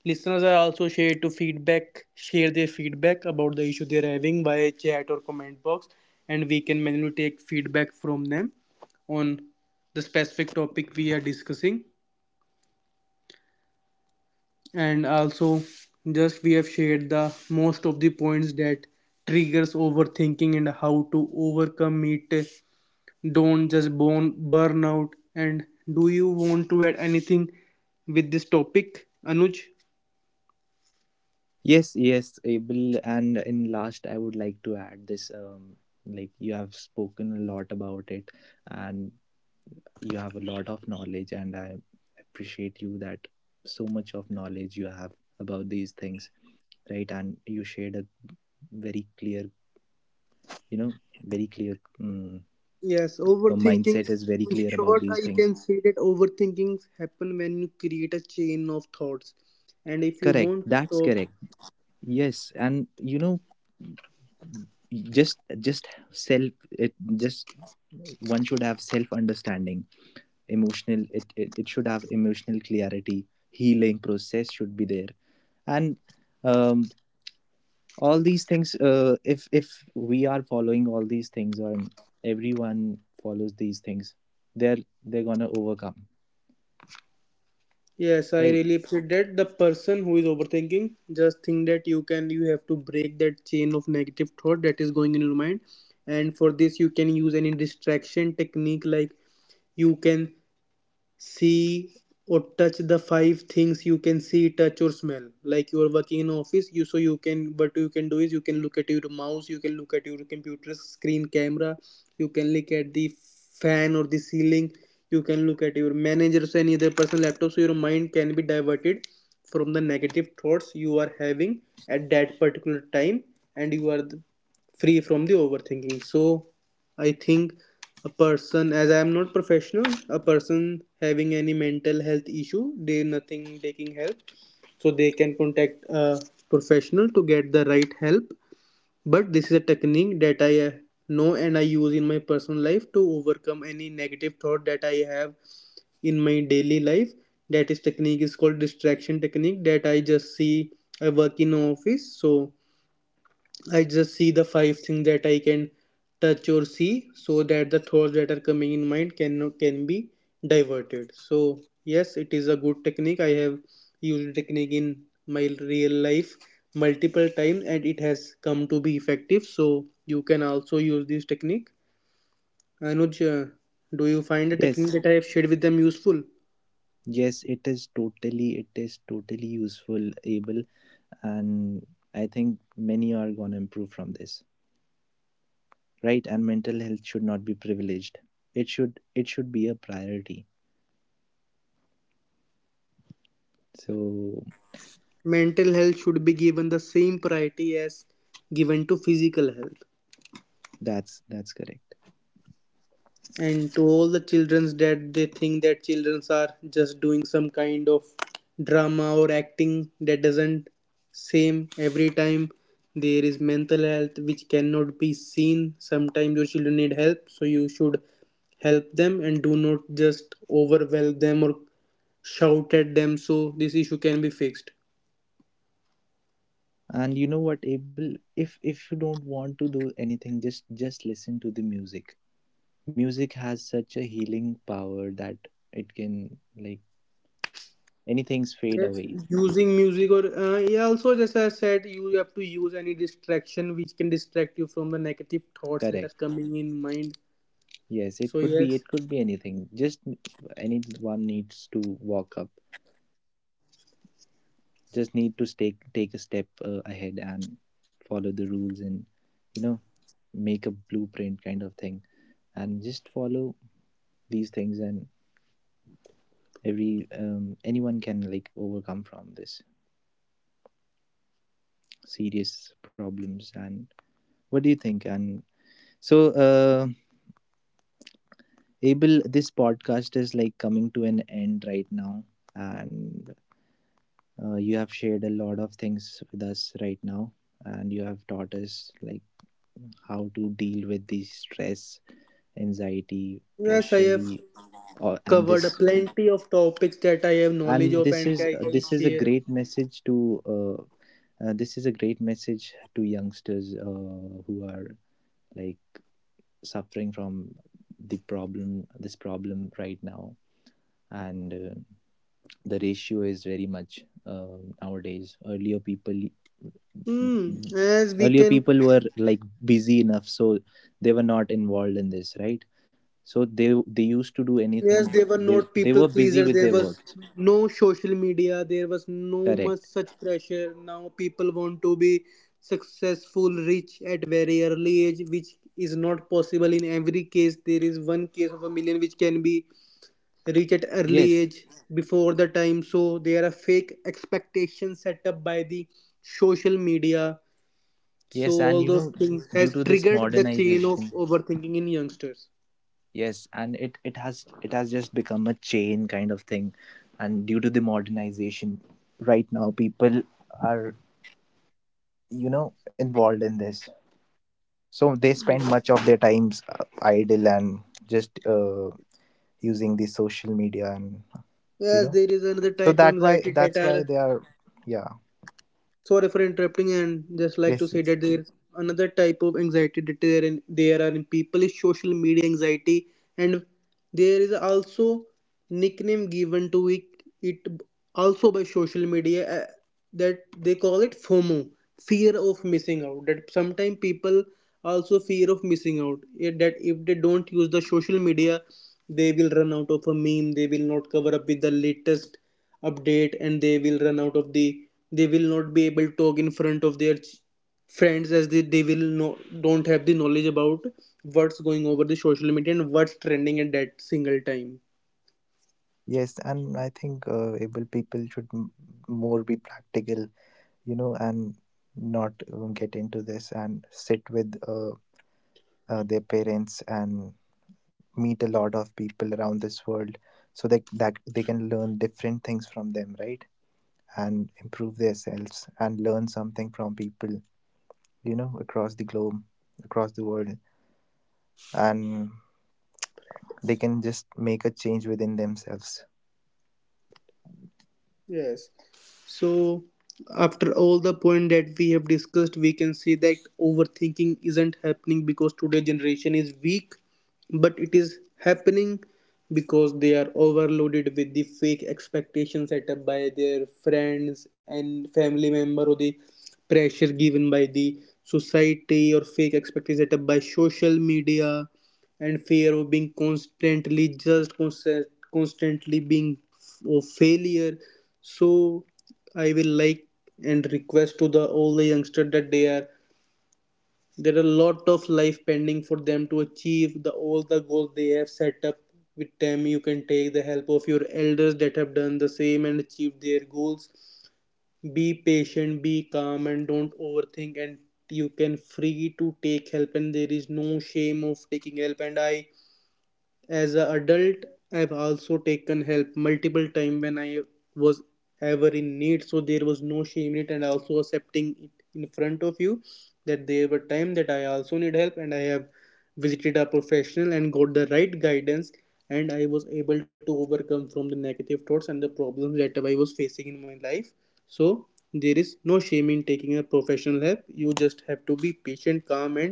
Speaker 1: listeners are also share to feedback, share their feedback about the issue they're having via chat or comment box, and we can manually take feedback from them on the specific topic we are discussing. And also, just we have shared the most of the points that triggers overthinking and how to overcome it. Don't just burn out. And do you want to add anything with this topic, Anuj?
Speaker 2: Yes, yes, Abel. And in last, I would like to add this. Like, you have spoken a lot about it, and you have a lot of knowledge, and I appreciate you that, so much of knowledge you have about these things, right? And you shared a very clear, you know, very clear.
Speaker 1: Yes,
Speaker 2: Your mindset
Speaker 1: overthinking.
Speaker 2: is very
Speaker 1: In
Speaker 2: clear about
Speaker 1: short,
Speaker 2: these
Speaker 1: I
Speaker 2: things.
Speaker 1: can say that overthinking happen when you create a chain of thoughts. And if you
Speaker 2: Correct.
Speaker 1: want to
Speaker 2: That's
Speaker 1: stop,
Speaker 2: correct. Yes, and you know, just self, it just, one should have self understanding, emotional, it should have emotional clarity, healing process should be there, and um all these things, if we are following all these things, or everyone follows these things, they're they're gonna overcome,
Speaker 1: yes, I
Speaker 2: right?
Speaker 1: really appreciate that. The person who is overthinking, just think that you can, you have to break that chain of negative thought that is going in your mind. And for this, you can use any distraction technique like you can see or touch the five things you can see, touch or smell. Like you are working in office, you so you can, what you can do is, you can look at your mouse, you can look at your computer screen camera, you can look at the fan or the ceiling, you can look at your manager's or any other person laptop so your mind can be diverted from the negative thoughts you are having at that particular time and you are free from the overthinking. So I think a person, as I am not professional, a person having any mental health issue, they nothing taking help, so they can contact a professional to get the right help. But this is a technique that I know and I use in my personal life to overcome any negative thought that I have in my daily life. That is technique is called distraction technique, that I just see. I work in office, so I just see the five things that I can touch or see so that the thoughts that are coming in mind can be diverted. So yes, it is a good technique. I have used technique in my real life multiple times and it has come to be effective. So you can also use this technique. Anuj, do you find the technique
Speaker 2: Yes,
Speaker 1: that I have shared with them useful?
Speaker 2: yes, it is totally, it is totally useful, able. And I think many are going to improve from this, right? And mental health should not be privileged, it should, it should be a priority. So
Speaker 1: Mental health should be given the same priority as given to physical health.
Speaker 2: that's correct.
Speaker 1: And to all the childrens that they think that childrens are just doing some kind of drama or acting, that doesn't same every time. There is mental health which cannot be seen. Sometimes your children need help, so you should help them and do not just overwhelm them or shout at them so this issue can be fixed.
Speaker 2: And you know what, Abel, if you don't want to do anything, just listen to the music. Music has such a healing power that it can like, anything's fade
Speaker 1: Yes,
Speaker 2: away.
Speaker 1: using music or yeah, also, just as I said, you have to use any distraction which can distract you from the negative thoughts that are
Speaker 2: Correct.
Speaker 1: coming in mind.
Speaker 2: Yes, it
Speaker 1: So
Speaker 2: could be,
Speaker 1: yes,
Speaker 2: it could be anything, just, anyone needs to walk up, just need to take a step ahead and follow the rules and you know, make a blueprint kind of thing, and just follow these things, and every, anyone can like overcome from this serious problems, and what do you think? And so, Abel, this podcast is like coming to an end right now, and you have shared a lot of things with us right now, and you have taught us like how to deal with the stress, anxiety,
Speaker 1: yes, I
Speaker 2: pressure
Speaker 1: have
Speaker 2: we, and this.
Speaker 1: covered plenty of topics that I have knowledge
Speaker 2: And
Speaker 1: of
Speaker 2: this
Speaker 1: and
Speaker 2: is,
Speaker 1: I can
Speaker 2: this is a
Speaker 1: share.
Speaker 2: great message to, uh, this is a great message to youngsters who are like suffering from the problem, this problem right now. And the ratio is Very much. Nowadays, earlier people
Speaker 1: Hmm. As we
Speaker 2: earlier
Speaker 1: can,
Speaker 2: people were like busy enough, so they were not involved in this, right? So they used to do anything.
Speaker 1: yes, they were
Speaker 2: they
Speaker 1: not
Speaker 2: they
Speaker 1: people
Speaker 2: were busy
Speaker 1: pleaser.
Speaker 2: with
Speaker 1: There
Speaker 2: their
Speaker 1: was
Speaker 2: works.
Speaker 1: no social media. There was no much
Speaker 2: Correct.
Speaker 1: such pressure. Now people want to be successful, rich at very early age, which is not possible in every case. There is one case of a million which can be reach at early
Speaker 2: Yes,
Speaker 1: age before the time. So there are fake expectations set up by the social media, so
Speaker 2: yes, and
Speaker 1: all
Speaker 2: you
Speaker 1: those
Speaker 2: know,
Speaker 1: things
Speaker 2: due
Speaker 1: has
Speaker 2: to this
Speaker 1: triggered the chain of
Speaker 2: modernization,
Speaker 1: overthinking in youngsters.
Speaker 2: yes, and it has just become a chain kind of thing. And due to the modernization, right now people are, you know, involved in this, so they spend much of their times idle and just using the social media and you
Speaker 1: Yes,
Speaker 2: know,
Speaker 1: there is another
Speaker 2: so
Speaker 1: type of
Speaker 2: that why
Speaker 1: anxiety that
Speaker 2: that's why
Speaker 1: are,
Speaker 2: they are Yeah.
Speaker 1: sorry for interrupting, and just like to
Speaker 2: Yes,
Speaker 1: say
Speaker 2: yes.
Speaker 1: that there another type of anxiety that there are in people is social media anxiety. And there is also nickname given to it, it also by social media, that they call it FOMO, fear of missing out, that sometimes people also fear of missing out, that if they don't use the social media they will run out of a meme, they will not cover up with the latest update, and they will run out of the, they will not be able to talk in front of their friends as they will no don't have the knowledge about what's going over the social media and what's trending at that single time.
Speaker 2: Yes, and I think able people should more be practical, you know, and not get into this and sit with their parents and meet a lot of people around this world so that they can learn different things from them, right? And improve themselves and learn something from people, you know, across the globe, across the world. And they can just make a change within themselves.
Speaker 1: Yes. So, after all the point that we have discussed, we can see that overthinking isn't happening because today generation is weak, but it is happening because they are overloaded with the fake expectations set up by their friends and family member or the pressure given by the society or fake expectations set up by social media and fear of being constantly being of failure. So I will like and request to the all the youngster that they are there are a lot of life pending for them to achieve the all the goals they have set up with them. You can take the help of your elders that have done the same and achieved their goals. Be patient, be calm, and don't overthink, and you can free to take help, and there is no shame of taking help. And I, as an adult, I've also taken help multiple times when I was ever in need, so there was no shame in it, and also accepting it in front of you that there were times that I also need help, and I have visited a professional and got the right guidance, and I was able to overcome from the negative thoughts and the problems that I was facing in my life. So there is no shame in taking a professional help. You just have to be patient, calm, and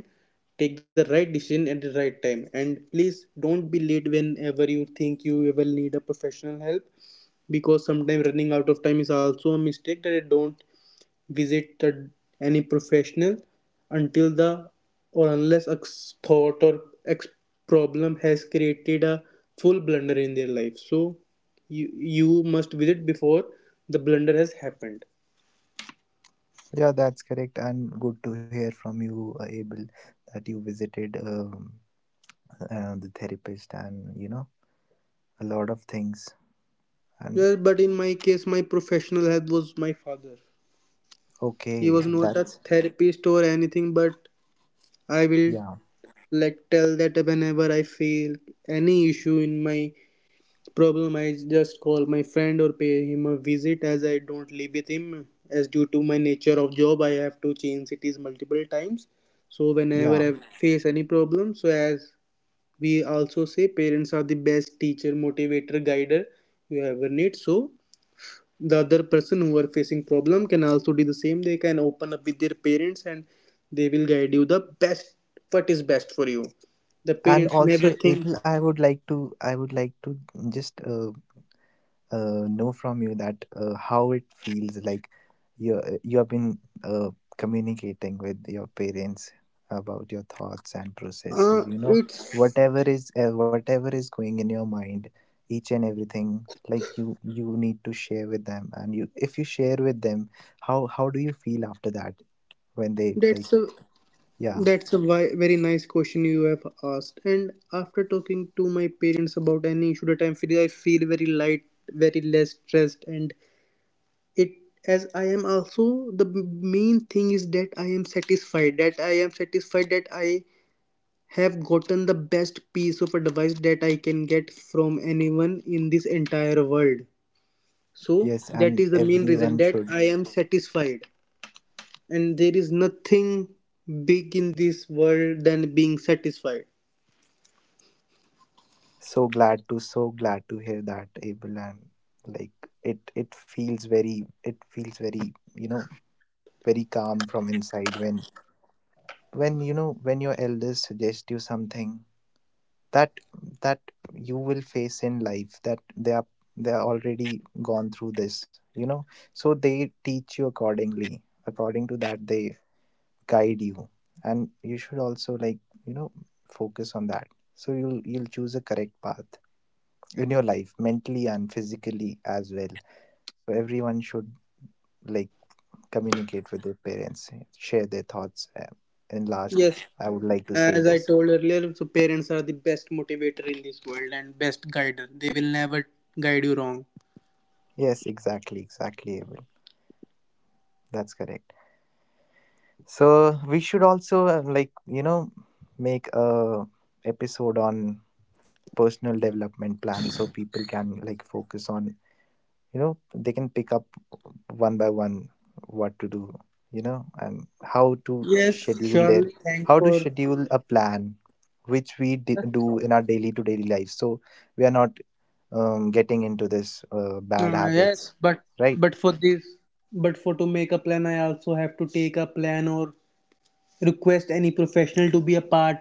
Speaker 1: take the right decision at the right time and please don't be late whenever you think you will need a professional help because sometimes running out of time is also a mistake that I don't visit any professional until the or unless a thought or ex problem has created a full blunder in their life. So you must visit before the blunder has happened.
Speaker 2: Yeah, that's correct, and good to hear from you, Abel, that you visited the therapist and you know a lot of things. And
Speaker 1: Well, but in my case my professional help was my father. He was
Speaker 2: okay,
Speaker 1: not a
Speaker 2: that's
Speaker 1: therapist or anything, but I will
Speaker 2: yeah,
Speaker 1: like tell that whenever I feel any issue in my problem, I just call my friend or pay him a visit as I don't live with him. As due to my nature of job, I have to change cities multiple times. So whenever
Speaker 2: yeah.
Speaker 1: I face any problem, so as we also say, parents are the best teacher, motivator, guider you ever need. So the other person who are facing problem can also do the same. They can open up with their parents and they will guide you the best what is best for you. The
Speaker 2: And
Speaker 1: parents never
Speaker 2: also,
Speaker 1: think.
Speaker 2: Abel, I would like to just know from you that how it feels like you have been uh, communicating with your parents about your thoughts and processes, you know,
Speaker 1: It's
Speaker 2: whatever is going in your mind, each and everything, like you need to share with them, and you, if you share with them, how do you feel after that when they like
Speaker 1: that's a
Speaker 2: yeah.
Speaker 1: that's a very nice question you have asked, and after talking to my parents about any issue that I'm feeling, I feel very light, very less stressed. And it, as I am also the main thing is that I am satisfied, that I have gotten the best piece of advice that I can get from anyone in this entire world. So
Speaker 2: Yes,
Speaker 1: that
Speaker 2: and
Speaker 1: is the main reason
Speaker 2: everyone
Speaker 1: that
Speaker 2: should.
Speaker 1: I am satisfied. And there is nothing big in this world than being satisfied.
Speaker 2: So glad to hear that, Abel, and like it feels very, it feels very, you know, very calm from inside when you know, when your elders suggest you something that, that you will face in life, that they are, they are already gone through this, you know, so they teach you accordingly, according to that they guide you. And you should also like, you know, focus on that, so you'll choose a correct path in your life mentally and physically as well. So everyone should, like, communicate with their parents, share their thoughts, and last
Speaker 1: Yes,
Speaker 2: I would like to say
Speaker 1: as I
Speaker 2: this.
Speaker 1: told earlier, so parents are the best motivator in this world and best guider. They will never guide you wrong.
Speaker 2: Yes, exactly, exactly, Abel. That's correct. So we should also, like you know, make a episode on personal development plan, so people can like focus on, you know, they can pick up one by one what to do, you know, and how to
Speaker 1: Yes,
Speaker 2: schedule their,
Speaker 1: surely. Thanks
Speaker 2: how to
Speaker 1: for
Speaker 2: schedule a plan which we do in our daily to daily life, so we are not getting into this bad habits,
Speaker 1: yes,
Speaker 2: right.
Speaker 1: but for this, but for to make a plan, I also have to take a plan or request any professional to be a part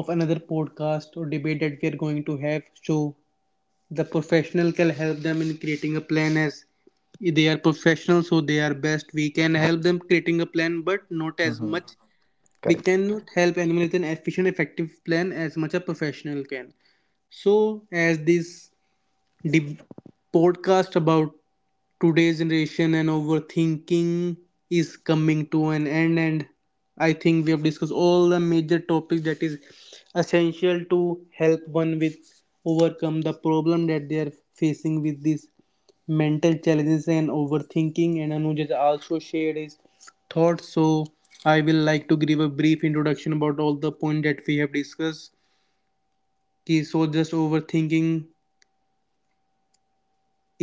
Speaker 1: of another podcast or debate that we are going to have. So the professional can help them in creating a plan, as they are professional, so they are best. We can help them creating a plan, but not as
Speaker 2: Mm-hmm.
Speaker 1: much. We
Speaker 2: Correct.
Speaker 1: cannot help anyone with an efficient effective plan as much a professional can. So as this, the podcast about today's generation and overthinking is coming to an end, and I think we have discussed all the major topics that is essential to help one with overcome the problem that they are facing with these mental challenges and overthinking, and Anuj has also shared his thoughts. So I will like to give a brief introduction about all the points that we have discussed. Okay, so just overthinking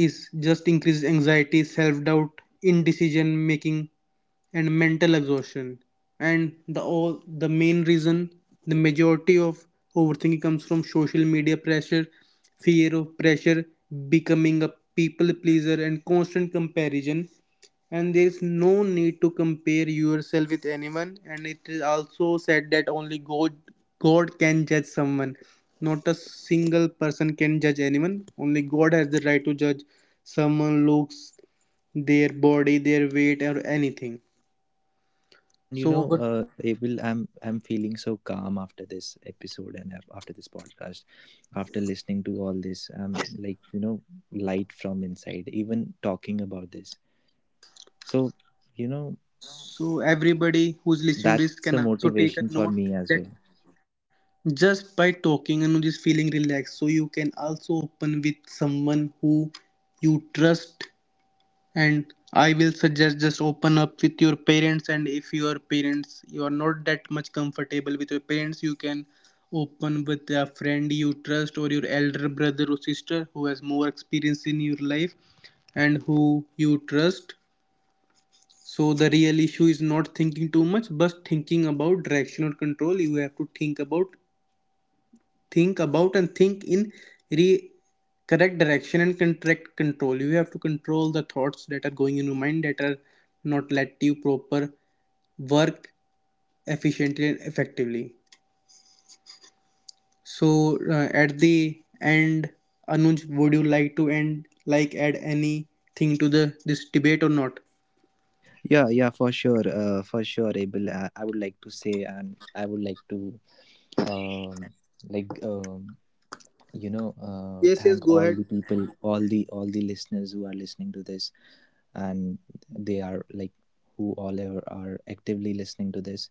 Speaker 1: is just increased anxiety, self doubt, indecision making, and mental exhaustion. And the all the main reason, the majority of overthinking comes from social media pressure, fear of pressure, becoming a people pleaser, and constant comparison. And there is no need to compare yourself with anyone, and it is also said that only God can judge someone. Not a single person can judge anyone. Only God has the right to judge someone, looks, their body, their weight, or anything.
Speaker 2: And you
Speaker 1: So
Speaker 2: know,
Speaker 1: over,
Speaker 2: April, I'm feeling so calm after this episode and after this podcast, after listening to all this. I'm like, you know, light from inside. Even talking about this. So, you know,
Speaker 1: so everybody who's listening to this
Speaker 2: that's a
Speaker 1: can also take
Speaker 2: motivation
Speaker 1: a
Speaker 2: for
Speaker 1: note
Speaker 2: me as well.
Speaker 1: that just by talking and just feeling relaxed, so you can also open with someone who you trust. And I will suggest just open up with your parents, and if your parents, you are not that much comfortable with your parents, you can open with a friend you trust or your elder brother or sister who has more experience in your life and who you trust. So the real issue is not thinking too much but thinking about direction or control. You have to think about, think about and think in re- correct direction and correct control. You have to control the thoughts that are going in your mind that are not let you proper work efficiently and effectively. So at the end, Anuj, would you like to end, like add anything to the this debate or not?
Speaker 2: Yeah, yeah, for sure, for sure, Abel, I would like to say, and I would like to um like um you know,
Speaker 1: Yes,
Speaker 2: thank
Speaker 1: yes,
Speaker 2: all
Speaker 1: go
Speaker 2: the
Speaker 1: ahead.
Speaker 2: people, all the listeners who are listening to this, and they are like, who all are actively listening to this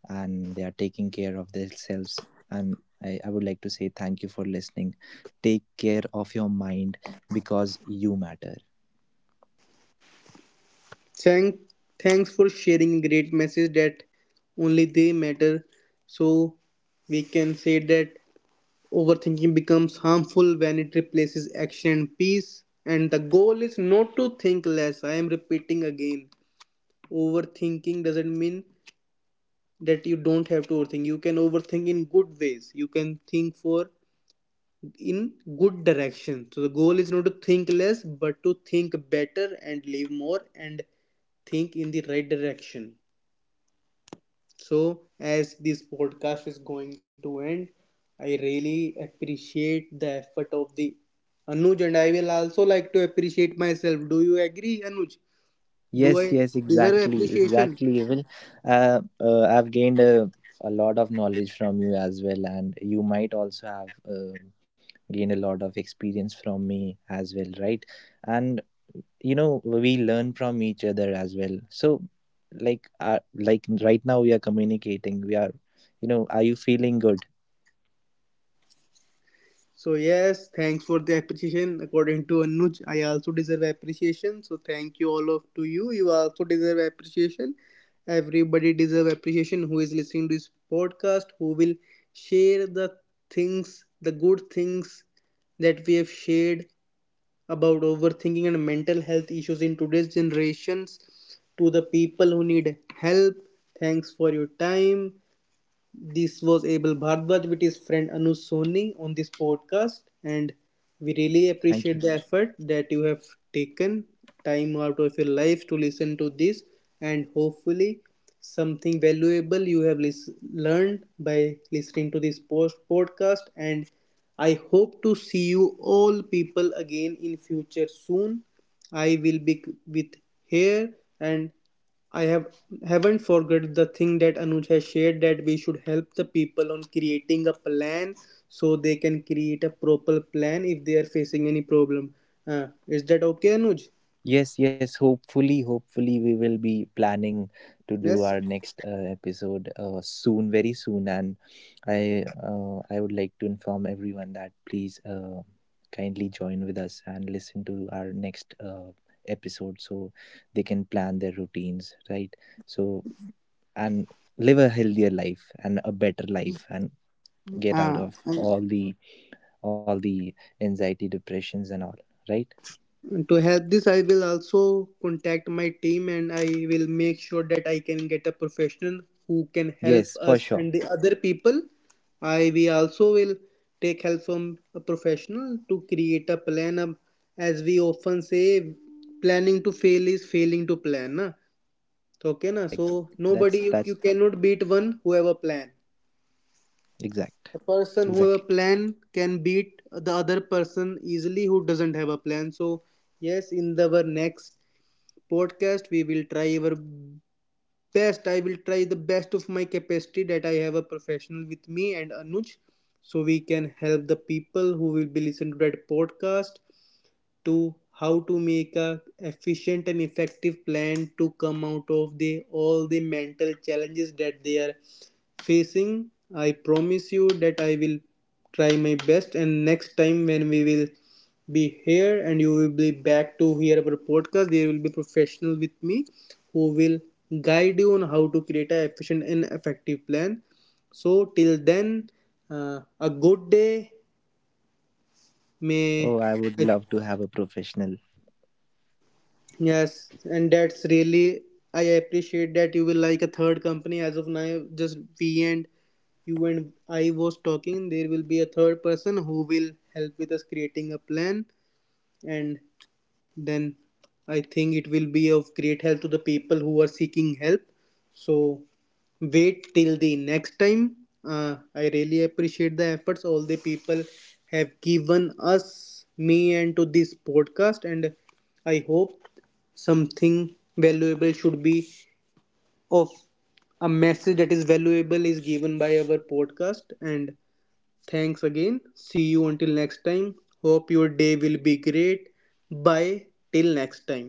Speaker 2: and they are taking care of themselves. And I would like to say thank you for listening. Take care of your mind, because you matter.
Speaker 1: thank Thanks for sharing great message that only they matter. So we can say that overthinking becomes harmful when it replaces action and peace. And the goal is not to think less. I am repeating again. Overthinking doesn't mean that you don't have to overthink. You can overthink in good ways. You can think for in good direction. So the goal is not to think less, but to think better and live more and think in the right direction. So, as this podcast is going to end, I really appreciate the effort of the Anuj, and I will also like to appreciate myself. Do you agree, Anuj? Do
Speaker 2: Yes,
Speaker 1: I
Speaker 2: yes,
Speaker 1: deserve
Speaker 2: exactly,
Speaker 1: appreciation?
Speaker 2: exactly. Well, uh, uh, I've gained a, a lot of knowledge from you as well, and you might also have gained a lot of experience from me as well, right? And you know, we learn from each other as well. So, like right now we are communicating. We are, you know, are you feeling good?
Speaker 1: So yes, thanks for the appreciation. According to Anuj, I also deserve appreciation. So thank you all of to you. You also deserve appreciation. Everybody deserve appreciation who is listening to this podcast, who will share the things, the good things that we have shared about overthinking and mental health issues in today's generations to the people who need help. Thanks for your time. This was Abel Bhardwaj with his friend Anuj Soni on this podcast, and we really
Speaker 2: Thank
Speaker 1: appreciate
Speaker 2: you.
Speaker 1: the effort that you have taken time out of your life to listen to this. And hopefully, something valuable you have learned by listening to this post podcast. And I hope to see you all people again in future soon. I will be with here, and I have haven't forgot the thing that Anuj has shared that we should help the people on creating a plan so they can create a proper plan if they are facing any problem. Is that okay, Anuj?
Speaker 2: Yes, yes. Hopefully, hopefully, we will be planning to do
Speaker 1: Yes.
Speaker 2: our next episode soon, very soon. And I would like to inform everyone that please kindly join with us and listen to our next episode, so they can plan their routines, right? So, and live a healthier life and a better life and get out
Speaker 1: Uh,
Speaker 2: of all the, all the anxiety, depressions and all, right.
Speaker 1: to help this, I will also contact my team and I will make sure that I can get a professional who can help
Speaker 2: Yes, for
Speaker 1: us
Speaker 2: sure.
Speaker 1: and the other people. I We also will take help from a professional to create a plan. Of, as we often say, planning to fail is failing to plan. Na? Okay, na?
Speaker 2: Correct.
Speaker 1: So nobody,
Speaker 2: that's
Speaker 1: you
Speaker 2: that's
Speaker 1: cannot beat one who have a plan.
Speaker 2: exact.
Speaker 1: A person who have a
Speaker 2: Exactly.
Speaker 1: plan can beat the other person easily who doesn't have a plan. So yes, in our next podcast, we will try our best. I will try the best of my capacity that I have a professional with me and Anuj, so we can help the people who will be listening to that podcast to how to make a efficient and effective plan to come out of the all the mental challenges that they are facing. I promise you that I will try my best, and next time when we will be here and you will be back to hear our podcast, there will be professional with me who will guide you on how to create an efficient and effective plan. So till then, a good day. May
Speaker 2: Oh, I would love to have a professional.
Speaker 1: yes, and that's really, I appreciate that you will like a third company as of now. Just we and you and I was talking. There will be a third person who will help with us creating a plan, and then I think it will be of great help to the people who are seeking help. So wait till the next time. I really appreciate the efforts all the people have given us, me, and to this podcast. And I hope something valuable should be of a message that is valuable is given by our podcast. And thanks again. See you until next time. Hope your day will be great. Bye till next time.